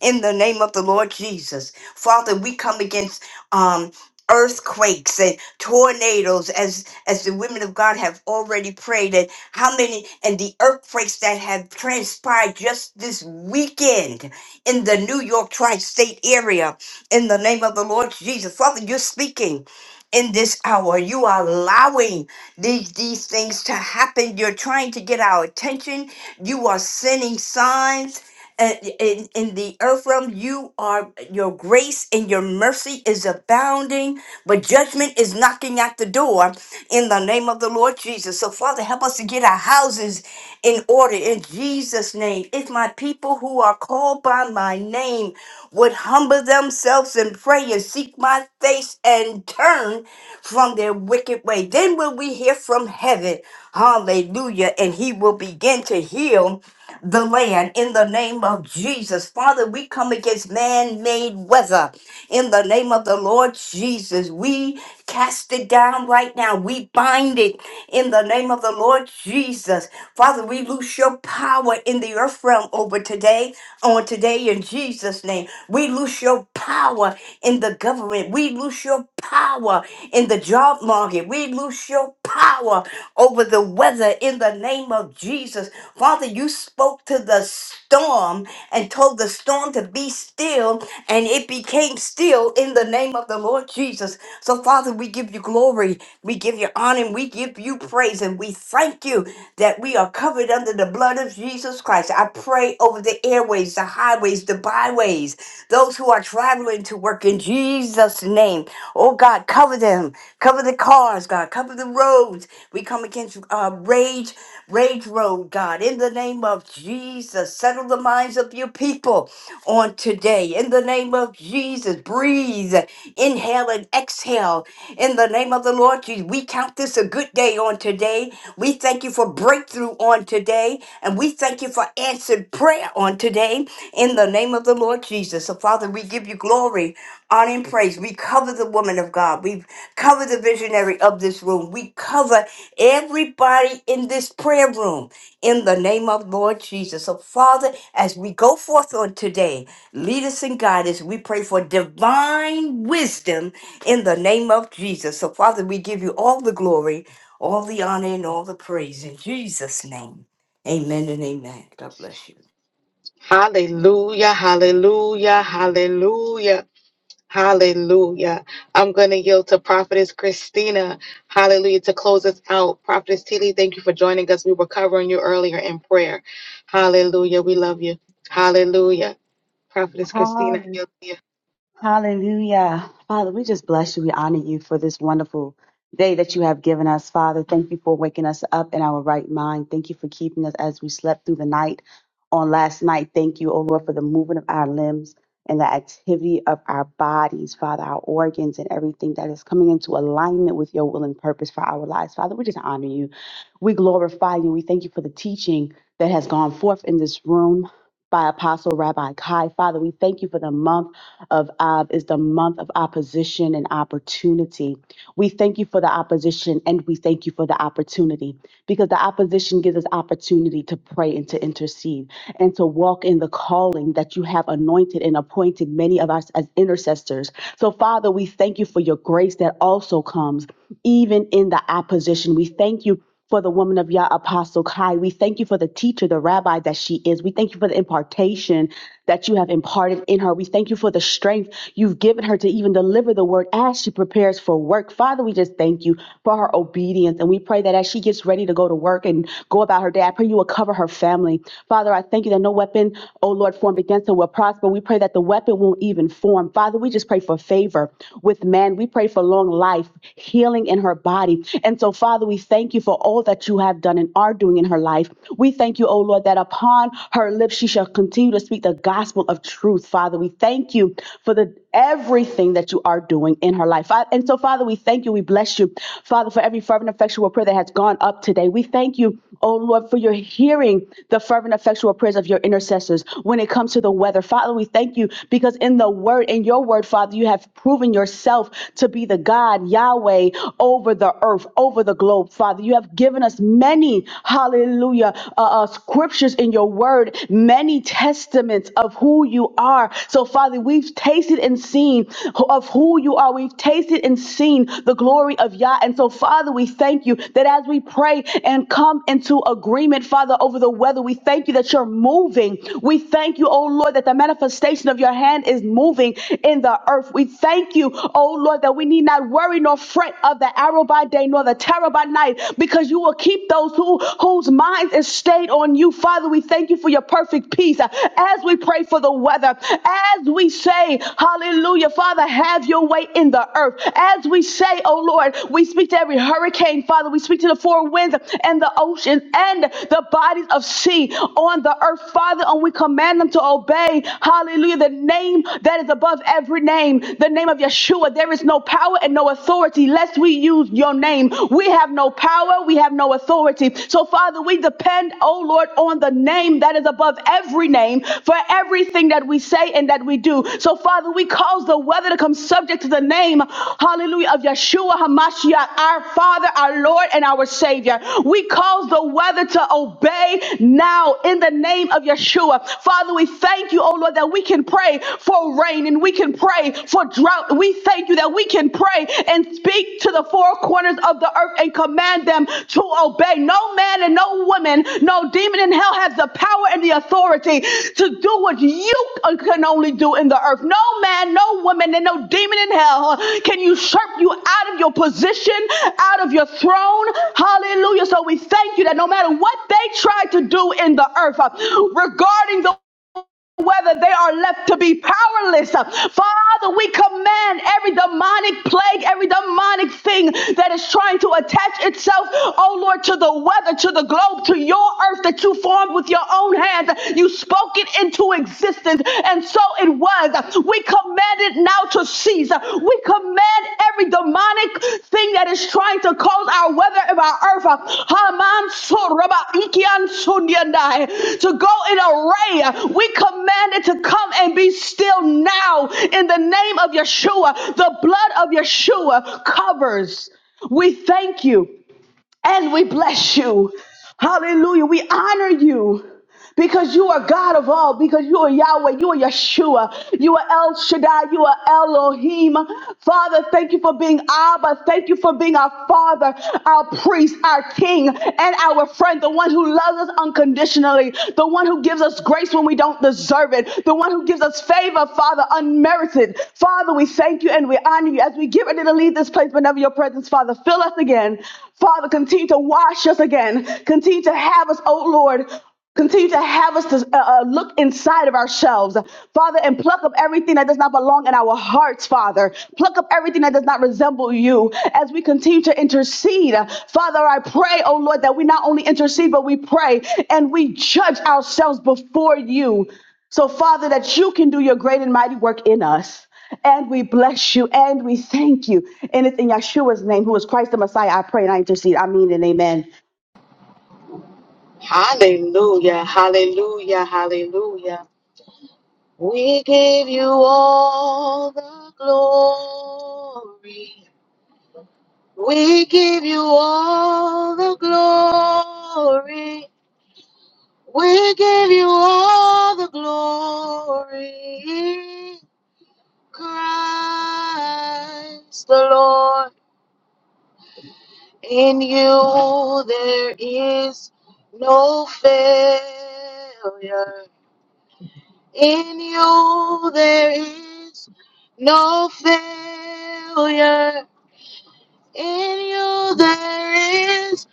in the name of the Lord Jesus. Father, we come against um earthquakes and tornadoes as as the women of God have already prayed and how many and the earthquakes that have transpired just this weekend in the New York tri-state area in the name of the Lord Jesus. Father, you're speaking in this hour. You are allowing these these things to happen. You're trying to get our attention. You are sending signs and in, in the earth realm you are your grace and your mercy is abounding but judgment is knocking at the door in the name of the lord jesus so father help us to get our houses in order in jesus name if my people who are called by my name would humble themselves and pray and seek my face and turn from their wicked way then will we hear from heaven hallelujah and he will begin to heal the land in the name of Jesus. Father, we come against man made weather in the name of the Lord Jesus. We cast it down right now. We bind it in the name of the Lord Jesus. Father, we lose your power in the earth realm over today, on today in Jesus' name. We lose your power in the government. We lose your power in the job market. We lose your power over the weather in the name of Jesus. Father, you spoke to the storm and told the storm to be still, and it became still in the name of the Lord Jesus. So, Father, we give you glory, we give you honor, and we give you praise, and we thank you that we are covered under the blood of Jesus Christ. I pray over the airways, the highways, the byways. Those who are traveling to work in Jesus' name. Oh God, cover them. Cover the cars, God. Cover the roads. We come against uh, rage, rage road, God. In the name of Jesus, settle the minds of your people on today. In the name of Jesus, breathe, inhale and exhale. In the name of the Lord Jesus, we count this a good day on today. We thank you for breakthrough on today, and we thank you for answered prayer on today. In the name of the Lord Jesus, so Father, we give you glory, honor, and praise. We cover the woman of God. We cover the visionary of this room. We cover everybody in this prayer room in the name of Lord Jesus. So, Father, as we go forth on today, lead us and guide us. We pray for divine wisdom in the name of Jesus. So, Father, we give you all the glory, all the honor, and all the praise in Jesus' name. Amen and amen. God bless you.
Hallelujah, hallelujah, hallelujah. Hallelujah. I'm going to yield to Prophetess Christina. Hallelujah. To close us out, Prophetess Tilly, thank you for joining us. We were covering you earlier in prayer. Hallelujah. We love you. Hallelujah. Prophetess Christina, I
Hallelujah.
yield to you.
Hallelujah. Father, we just bless you. We honor you for this wonderful day that you have given us. Father, thank you for waking us up in our right mind. Thank you for keeping us as we slept through the night on last night. Thank you, O Lord, for the movement of our limbs and the activity of our bodies, Father, our organs and everything that is coming into alignment with your will and purpose for our lives. Father, we just honor you. We glorify you. We thank you for the teaching that has gone forth in this room by Apostle Rabbi Kai. Father, we thank you for the month of Av is the month of opposition and opportunity. We thank you for the opposition and we thank you for the opportunity because the opposition gives us opportunity to pray and to intercede and to walk in the calling that you have anointed and appointed many of us as intercessors. So, Father, we thank you for your grace that also comes even in the opposition. We thank you for the woman of Yah, Apostle Kai. We thank you for the teacher, the rabbi that she is. We thank you for the impartation that you have imparted in her. We thank you for the strength you've given her to even deliver the word as she prepares for work. Father, we just thank you for her obedience. And we pray that as she gets ready to go to work and go about her day, I pray you will cover her family. Father, I thank you that no weapon, oh Lord, formed against her will prosper. We pray that the weapon won't even form. Father, we just pray for favor with man. We pray for long life, healing in her body family. And so, Father, we thank you for all that you have done and are doing in her life. We thank you, O Lord, that upon her lips she shall continue to speak the gospel of truth. Father, we thank you for the everything that you are doing in her life. Fa- And so, Father, we thank you. We bless you, Father, for every fervent, effectual prayer that has gone up today. We thank you, O Lord, for your hearing the fervent, effectual prayers of your intercessors when it comes to the weather. Father, we thank you because in the word, in your word, Father, you have proven yourself to be the God. God, Yahweh, over the earth, over the globe, Father. You have given us many, hallelujah, uh, uh, scriptures in your word, many testaments of who you are. So, Father, we've tasted and seen of who you are. We've tasted and seen the glory of Yah. And so, Father, we thank you that as we pray and come into agreement, Father, over the weather, we thank you that you're moving. We thank you, oh Lord, that the manifestation of your hand is moving in the earth. We thank you oh Lord, that we need not worry nor fret of the arrow by day nor the terror by night, because you will keep those who whose minds is stayed on you. Father, we thank you for your perfect peace. Uh, As we pray for the weather, as we say, Hallelujah, Father, have your way in the earth. As we say, oh Lord, we speak to every hurricane, Father, we speak to the four winds and the ocean and the bodies of sea on the earth, Father, and we command them to obey, hallelujah, the name that is above every name, the name of Yeshua. There is no power and no authority lest we use your name. We have no power, we have no authority. So, Father, we depend, oh Lord, on the name that is above every name for everything that we say and that we do. So, Father, we cause the weather to come subject to the name, hallelujah, of Yeshua HaMashiach, our Father, our Lord, and our Savior. We cause the weather to obey now in the name of Yeshua. Father, we thank you, oh Lord, that we can can pray for rain and we can pray for drought. We thank you that we can pray and speak to the four corners of the earth and command them to obey. No man and no woman, no demon in hell has the power and the authority to do what you can only do in the earth. No man, no woman, and no demon in hell can usurp you out of your position, out of your throne. Hallelujah. So we thank you that no matter what they try to do in the earth uh, regarding the whether they are left to be powerless. Father, we command every demonic plague, every demonic thing that is trying to attach itself, oh Lord, to the weather, to the globe, to your earth that you formed with your own hands. You spoke it into existence, and so it was. We command it now to cease. We command every demonic thing that is trying to cause our weather of our earth uh, Haman Soraba Ikian Sunyandai, to go in array. We command it to come and be still now in the name of Yeshua. The blood of Yeshua covers. We thank you and we bless you. Hallelujah. We honor you because you are God of all, because you are Yahweh, you are Yeshua, you are El Shaddai, you are Elohim. Father, thank you for being Abba. Thank you for being our Father, our priest, our King, and our friend, the one who loves us unconditionally, the one who gives us grace when grace when we don't deserve it, the one who gives us favor, Father, unmerited. Father, we thank you and we honor you as we get ready to leave this place whenever your presence, Father, fill us again. Father, continue to wash us again. Continue to have us, oh Lord, Continue to have us to uh, uh, look inside of ourselves, Father, and pluck up everything that does not belong in our hearts, Father pluck up everything that does not resemble you as we continue to intercede. Father, I pray, oh Lord, that we not only intercede, but we pray and we judge ourselves before you. So, Father, that you can do your great and mighty work in us. And we bless you and we thank you. And it's in Yeshua's name, who is Christ the Messiah, I pray and I intercede. I mean and amen.
Hallelujah. Hallelujah. Hallelujah. We give you all the glory. We give you all the glory. We give you all the glory, Christ the Lord. In you there is no failure. In you there is no failure. In you there is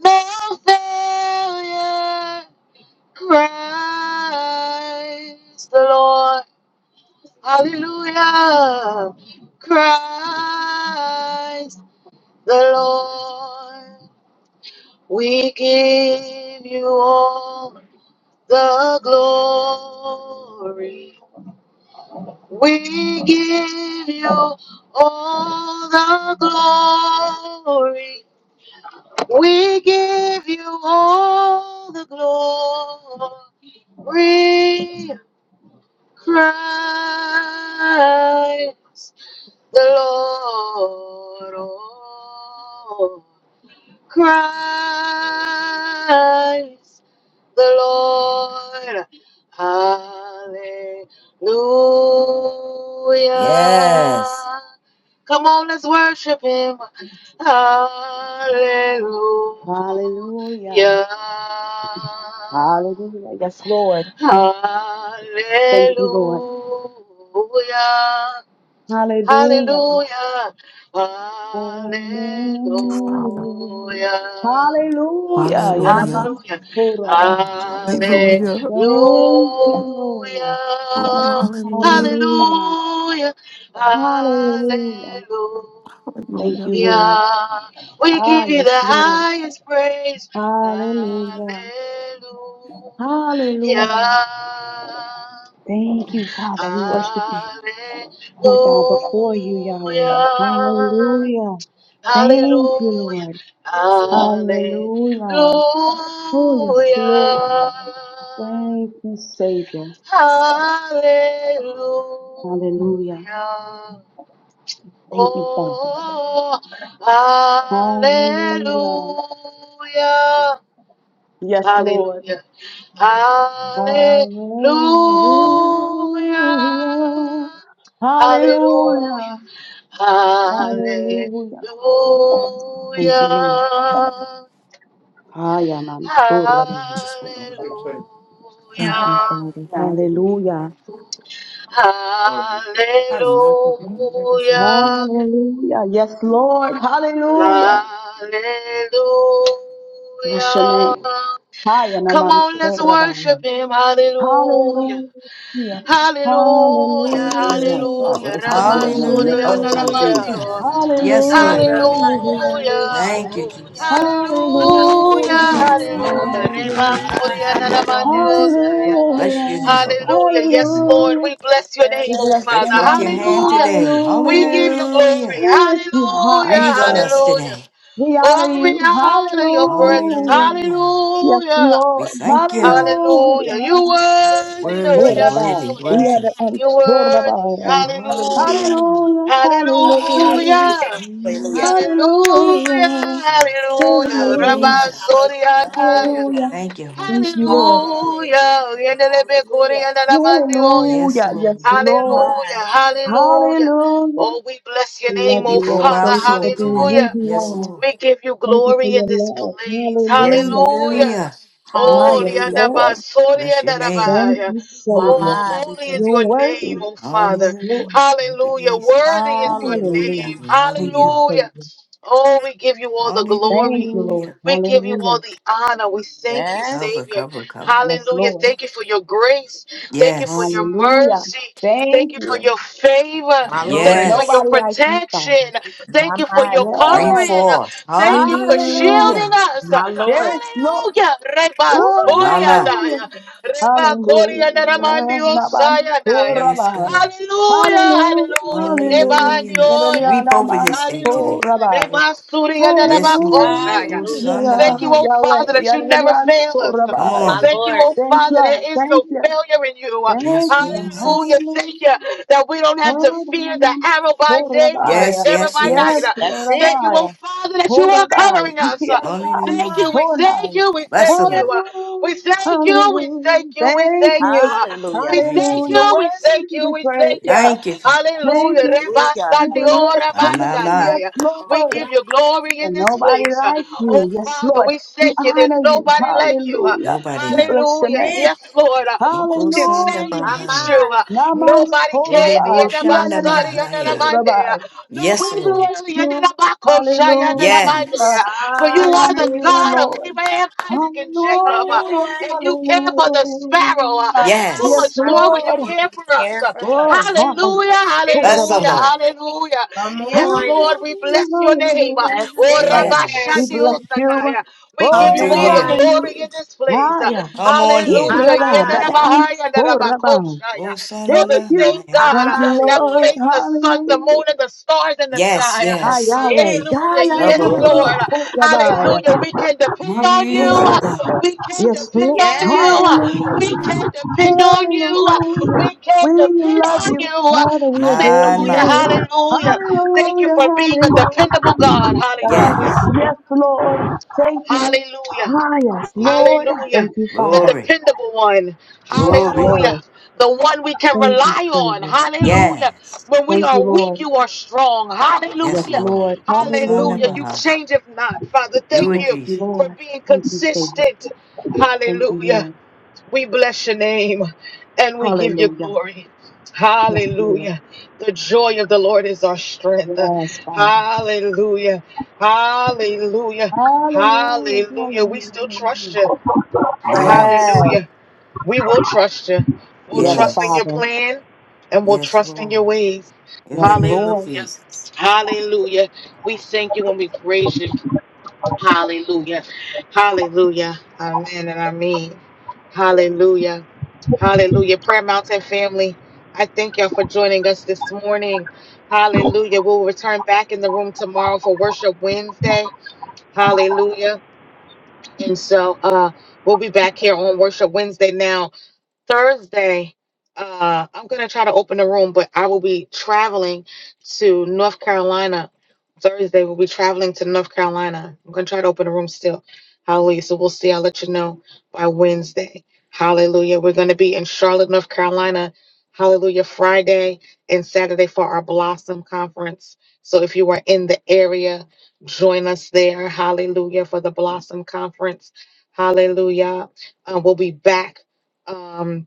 no failure. Christ the Lord. Hallelujah. Christ the Lord. We give you all the glory. We give you all the glory. We give you all the glory. Christ the Lord oh, Christ, the Lord. Hallelujah.
Yes.
Come on, let's worship him. Hallelujah.
Hallelujah. Hallelujah. Yes, Lord. Thank you, Lord.
Hallelujah.
Hallelujah.
Hallelujah. Hallelujah.
you, Father.
Hallelujah. Hallelujah.
Hallelujah.
Yanaman
Hallelujah.
Horaba.
Hallelujah.
Hallelujah.
Thank you, Lord.
Oh, hallelujah.
Hallelujah.
Hallelujah. Hallelujah.
Hallelujah. Thank
Hallelujah.
you, Lord.
We
Ah,
give you the
yes, Lord.
highest praise.
Hallelujah.
Hallelujah.
Hallelujah. Thank you, Father. We worship you.
Hallelujah.
We bow before you, Yahweh. Hallelujah. Thank
Hallelujah.
you, Lord.
Hallelujah.
Hallelujah. Oh, yes, Lord. Thank you, Savior.
Hallelujah.
Hallelujah. Thank you, Father.
Oh,
Hallelujah.
hallelujah.
Yes, Lord.
Hallelujah. Hallelujah.
Hallelujah.
Hallelujah.
Hallelujah.
Hallelujah.
Hallelujah. Thank you, Lord. Hiya,
Hallelujah.
man. Surabam.
Just hold on.
Thank
Hallelujah.
you, Father.
Yeah.
Hallelujah.
Sorry. I'm not legacy.
Hallelujah. Yes, Lord. Hallelujah.
Hallelujah.
Bless your name. Hiya,
Come
naman.
on, let's worship
Surabam.
him. Hallelujah.
Hallelujah.
Hallelujah.
That's not
Hallelujah.
flower.
Hallelujah.
That's the
Rabba
dang on
Hallelujah.
that. Oh,
Surya
that's not Jews.
Hallelujah.
Hallelujah.
Narabandio.
Yes, Lord.
Jeremiah.
Hallelujah.
Yes,
Hallelujah.
Thank you, Jesus.
You
Hallelujah,
Lord.
Hallelujah.
hallelujah. Reba
Hallelujah.
Hallelujah.
Korea
want lucky?
Nanamandiosaya.
Bless your
Hallelujah.
You're so
name.
Hallelujah. Yes,
down.
Lord,
Hallelujah.
we bless your name,
We
oh
bless
Stretch
your
Father.
forth your
name.
hand
Hallelujah.
today.
We give you
Hallelujah.
glory.
We
Hallelujah.
lift you high,
Hallelujah,
Breathe on us
Father.
hallelujah.
today.
We honor
Oh, we
you.
honor your presence.
Hallelujah.
Hallelujah.
Yes,
Hallelujah,
We
Lord.
thank you.
hallelujah.
Hallelujah.
You worthy, oh
Worthy,
Koraba.
worthy,
Yahweh.
worthy.
Yada and
You worthy.
Koraba.
Hallelujah.
Hallelujah.
Hallelujah. Hallelujah.
Hallelujah.
Mm.
Hallelujah.
Hallelujah.
Hallelujah. Hallelujah.
Hallelujah.
Hallelujah.
Rabba
Jesus.
Soriadaya.
Hallelujah.
Hallelujah.
Thank you, Holy
Thank you,
Spirit.
Lord.
Hallelujah.
Hallelujah.
Yendelebe
Hallelujah.
Koreanda Ramandioya.
Yes,
Hallelujah.
Lord.
Yes, Lord.
My
Hallelujah. Hallelujah.
Hallelujah.
Oh, we bless your
We
name,
Love
oh
you,
Weep over
Lord.
Father.
our
Thank you for
soul
being
today.
who
Hallelujah.
you
Yes,
hallelujah.
are.
Lord.
We give you
Thank you for
glory in
your
this
love.
place.
Yes, we
Hallelujah.
Hallelujah.
do.
Hallelujah.
Ah,
Oh,
yes,
Hallelujah.
Lord.
liandaba,
Bless your name.
Thank
soriandarabaya.
you,
My
Savior.
Oh,
my, we
holy is
You're
thank you.
your name,
worthy.
oh Father.
Yes, Lord.
Hallelujah. Thank you,
Hallelujah.
Jesus.
Worthy is your
Hallelujah.
name.
Hallelujah.
We honor
Thank you,
you.
Hallelujah.
Savior.
Oh, we give you all the
Thank
glory.
you, Lord.
Hallelujah.
We give you
Hallelujah.
all the honor. We thank you,
Cover,
Yes.
Savior.
cover, cover.
Yes,
Hallelujah.
Lord.
Thank you for your grace. Thank you for
Yes.
your
Hallelujah.
mercy. Thank
Thank
you for
you.
your favor.
My
There's
Thank
Lord.
you for your
Yes.
nobody like you,
protection.
Father.
My
Thank you for
my.
your
Yes.
Bring
covering.
forth.
Thank you for
Hallelujah.
shielding
Hallelujah.
us.
My Lord.
Yes, Lord.
Hallelujah. Reba soya
Mama.
Hallelujah.
daya. Reba koria
Hallelujah.
naramandi
Laban.
osaya
Oh,
daya.
Yes, God.
Hallelujah.
Hallelujah.
Hallelujah. Reba
Hallelujah.
andioya.
Hallelujah.
Sweep over
Laban.
this day
Oh,
Hallelujah.
today.
Rabbi.
Reba suri and reba
Yes, Lord.
koshaya.
Go
Hallelujah.
son
Hallelujah.
of
Thank you,
behind.
oh
Yahweh.
Father, that you never
Yahweh.
fail
Oh,
us.
Come
Rabbi.
My
on.
Thank you,
Lord.
oh
Thank
Father,
you.
there is
Thank
no
you.
failure in you.
Thank
Yes,
you.
Hallelujah.
Jesus.
Thank
Hallelujah.
you that we don't have to fear the
Hallelujah.
arrow by
Oh,
day nor the
Yes,
terror
yes,
by night.
Yes,
yes.
Lord
That's
Thank
it.
you, oh Father, that you are
Horabai,
covering us.
Ikiarabaan,
Thank you.
Hallelujah.
We thank
Honai.
you. We
Bless the
thank you.
Lord.
We
Hallelujah,
thank you. We thank
hallelujah.
you. We
Thank
thank
you.
you. We
Hallelujah.
Thank you,
thank
Hallelujah.
you, we
Worthy
Jesus.
thank
to
you,
be
we thank you.
praised. I
Thank you, Jesus.
Hallelujah.
Thank you.
Reba
Hallelujah.
We
Hallelujah.
Sandio,
bless
Reba
My,
your
my,
name.
my.
Yes,
Shandaya. We
Lord.
give you glory in
And
this
nobody
place.
like
Oh,
you. Yes,
Father,
Lord.
we
We
thank you. There's
honor you.
nobody like you.
Hallelujah.
Nobody
We
like
bless your
Hallelujah.
name.
My
Yes, Lord.
you.
Who
Go
can
Sanda
stand
Hallelujah.
my.
against
Bahaya.
you?
mind.
Naman
Nobody
Lady
can.
Bo Shanda
Yedabasari,
Bahaya.
Yandalabande.
Sorabai. We
Yes,
Nobody
Lord.
bless
will.
you.
Yandalabako,
Hallelujah.
Yes.
for you
We
are
honor
the
you,
Hallelujah.
God of
Lord.
Abraham, Isaac, and Jacob,
Come
uh,
Hallelujah.
on.
and you care for the sparrow. uh,
Hallelujah.
How
Yes,
Woo,
much
Yes.
How
more will
much
you
Lord.
will
care
you
for us?
care
uh?
for us?
Oh, ha, ha.
Hallelujah,
That's
Oh,
it.
Bless the
Rabba.
hallelujah,
Lord.
hallelujah.
Come
Yes,
on.
Lord, we bless your
Hallelujah.
name. uh.
That's
Oh,
it right
Hallelujah.
Rabba
there.
We
Shandi
Yes.
bless
Osakai,
you.
uh, We give
Come
Come
you
Oh,
through
we
all the
honor
on.
here.
glory in
you.
this place.
Ah,
uh.
yeah.
Come on
Oh,
here.
My
Hallelujah.
Rabba. That,
mind.
that, um, oh,
Yedarabahaya,
Rabba.
Go Sanda
you're the
Thank
same
you.
God
Bahaya.
Thank
uh,
you,
that
Lord.
Hallelujah.
placed the sun, the
Hallelujah.
moon, and the stars in the
Yes,
sky. uh.
Ah,
That's
yes.
Yahweh.
it.
Hallelujah.
Gaya
Cover
Yes,
Woo.
her,
Rabban
Lord.
Lord.
Uh,
Sorabaya.
Hallelujah. We can depend
My
on you. uh,
Soraba.
Jesus.
We can
Yes,
depend
Lord.
on you.
Yes.
uh, We
Hallelujah.
can depend on you. uh,
Hallelujah.
We can
We
depend
love
on
you,
you. uh.
Father. We adore
My,
Hallelujah.
you.
my.
Hallelujah. Thank you
Hallelujah.
for being a dependable God.
Hallelujah.
Hallelujah.
Yes.
Yes, Lord. Thank you.
Hallelujah.
Ah, yes,
Glory.
Lord.
Hallelujah.
Thank you,
The
Father.
Glory.
dependable one.
Yes,
Glory.
Hallelujah.
Lord.
The one we can
Thank you,
rely on.
Savior.
Hallelujah.
Yes.
When we
Thank
are
you,
weak,
Lord.
you are strong.
Yes,
Yes,
Hallelujah.
Lord.
Lord.
Go Sanda
Hallelujah.
Hallelujah.
You
Bahaya.
change if not. Father,
Do
thank
it,
Yes,
you
Jesus.
for
Lord.
being
Thank you, Savior.
consistent.
Thank you, Lord.
Hallelujah. We bless your name and we give you
Hallelujah.
glory.
Yes, Lord.
Hallelujah. The joy of the Lord is our strength.
Yes, Father.
Hallelujah. Hallelujah.
Hallelujah.
Hallelujah. We still trust
Hallelujah.
you.
Yes.
Yes.
Hallelujah. We will trust you. We'll
Yes,
trust in
Yes.
your
Father.
plan and we'll
Yes,
trust in your
Lord.
ways.
In
Yes,
the name
Lord.
of
Hallelujah.
Jesus.
Hallelujah. We thank you and we praise you. Hallelujah. Hallelujah. Amen and amen. Hallelujah. Hallelujah. Prayer Mountain family, I thank y'all for joining us this morning. Hallelujah. We'll return back in the room tomorrow for Worship Wednesday. Hallelujah. And so uh, we'll be back here on Worship Wednesday now Thursday, uh, I'm gonna try to open a room, but I will be traveling to North Carolina. Thursday, we'll be traveling to North Carolina. I'm gonna try to open a room still. Hallelujah. So we'll see. I'll let you know by Wednesday. Hallelujah. We're gonna be in Charlotte, North Carolina. Hallelujah. Friday and Saturday for our Blossom Conference. So if you are in the area, join us there. Hallelujah for the Blossom Conference. Hallelujah. Uh, we'll be back. Um,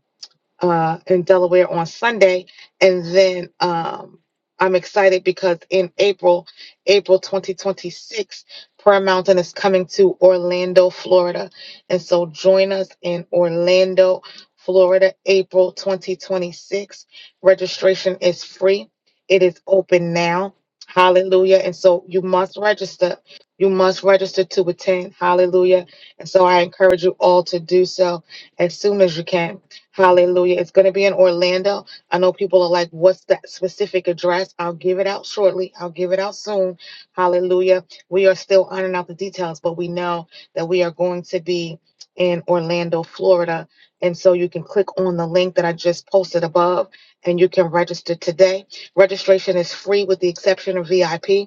uh, in Delaware on Sunday. And then um, I'm excited because in April, April 2026, Prayer Mountain is coming to Orlando, Florida. And so join us in Orlando, Florida, April 2026. Registration is free, it is open now. Hallelujah. And so you must register. You must register to attend. Hallelujah. And so I encourage you all to do so as soon as you can Hallelujah. It's going to be in Orlando. I know people are like, what's that specific address? I'll give it out shortly. I'll give it out soon. Hallelujah. We are still ironing out the details, but we know that we are going to be in Orlando, Florida. And so you can click on the link that I just posted above and you can register today. Registration is free with the exception of VIP.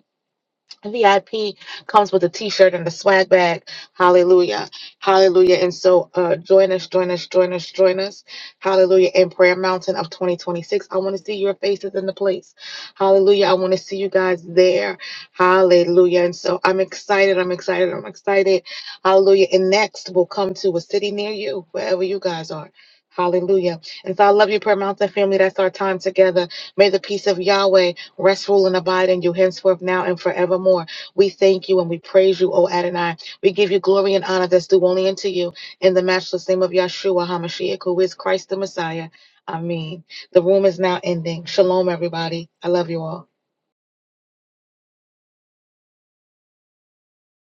VIP comes with a T-shirt and a swag bag. Hallelujah, Hallelujah! And so, uh, join us, join us, join us, join us. Hallelujah! In Prayer Mountain of 2026, I want to see your faces in the place. Hallelujah! I want to see you guys there. Hallelujah! And so, I'm excited. I'm excited. I'm excited. Hallelujah! And next, we'll come to a city near you, wherever you guys are. Hallelujah. And so I love you, Prayer Mountain family. That's our time together. May the peace of Yahweh. Rest, rule, and abide in you henceforth, now, and forevermore. We thank you and we praise you, O Adonai. We give you glory and honor that's due only unto you. In the matchless name of Yahshua HaMashiach, who is Christ the Messiah. Amen. The room is now ending. Shalom, everybody. I love you all.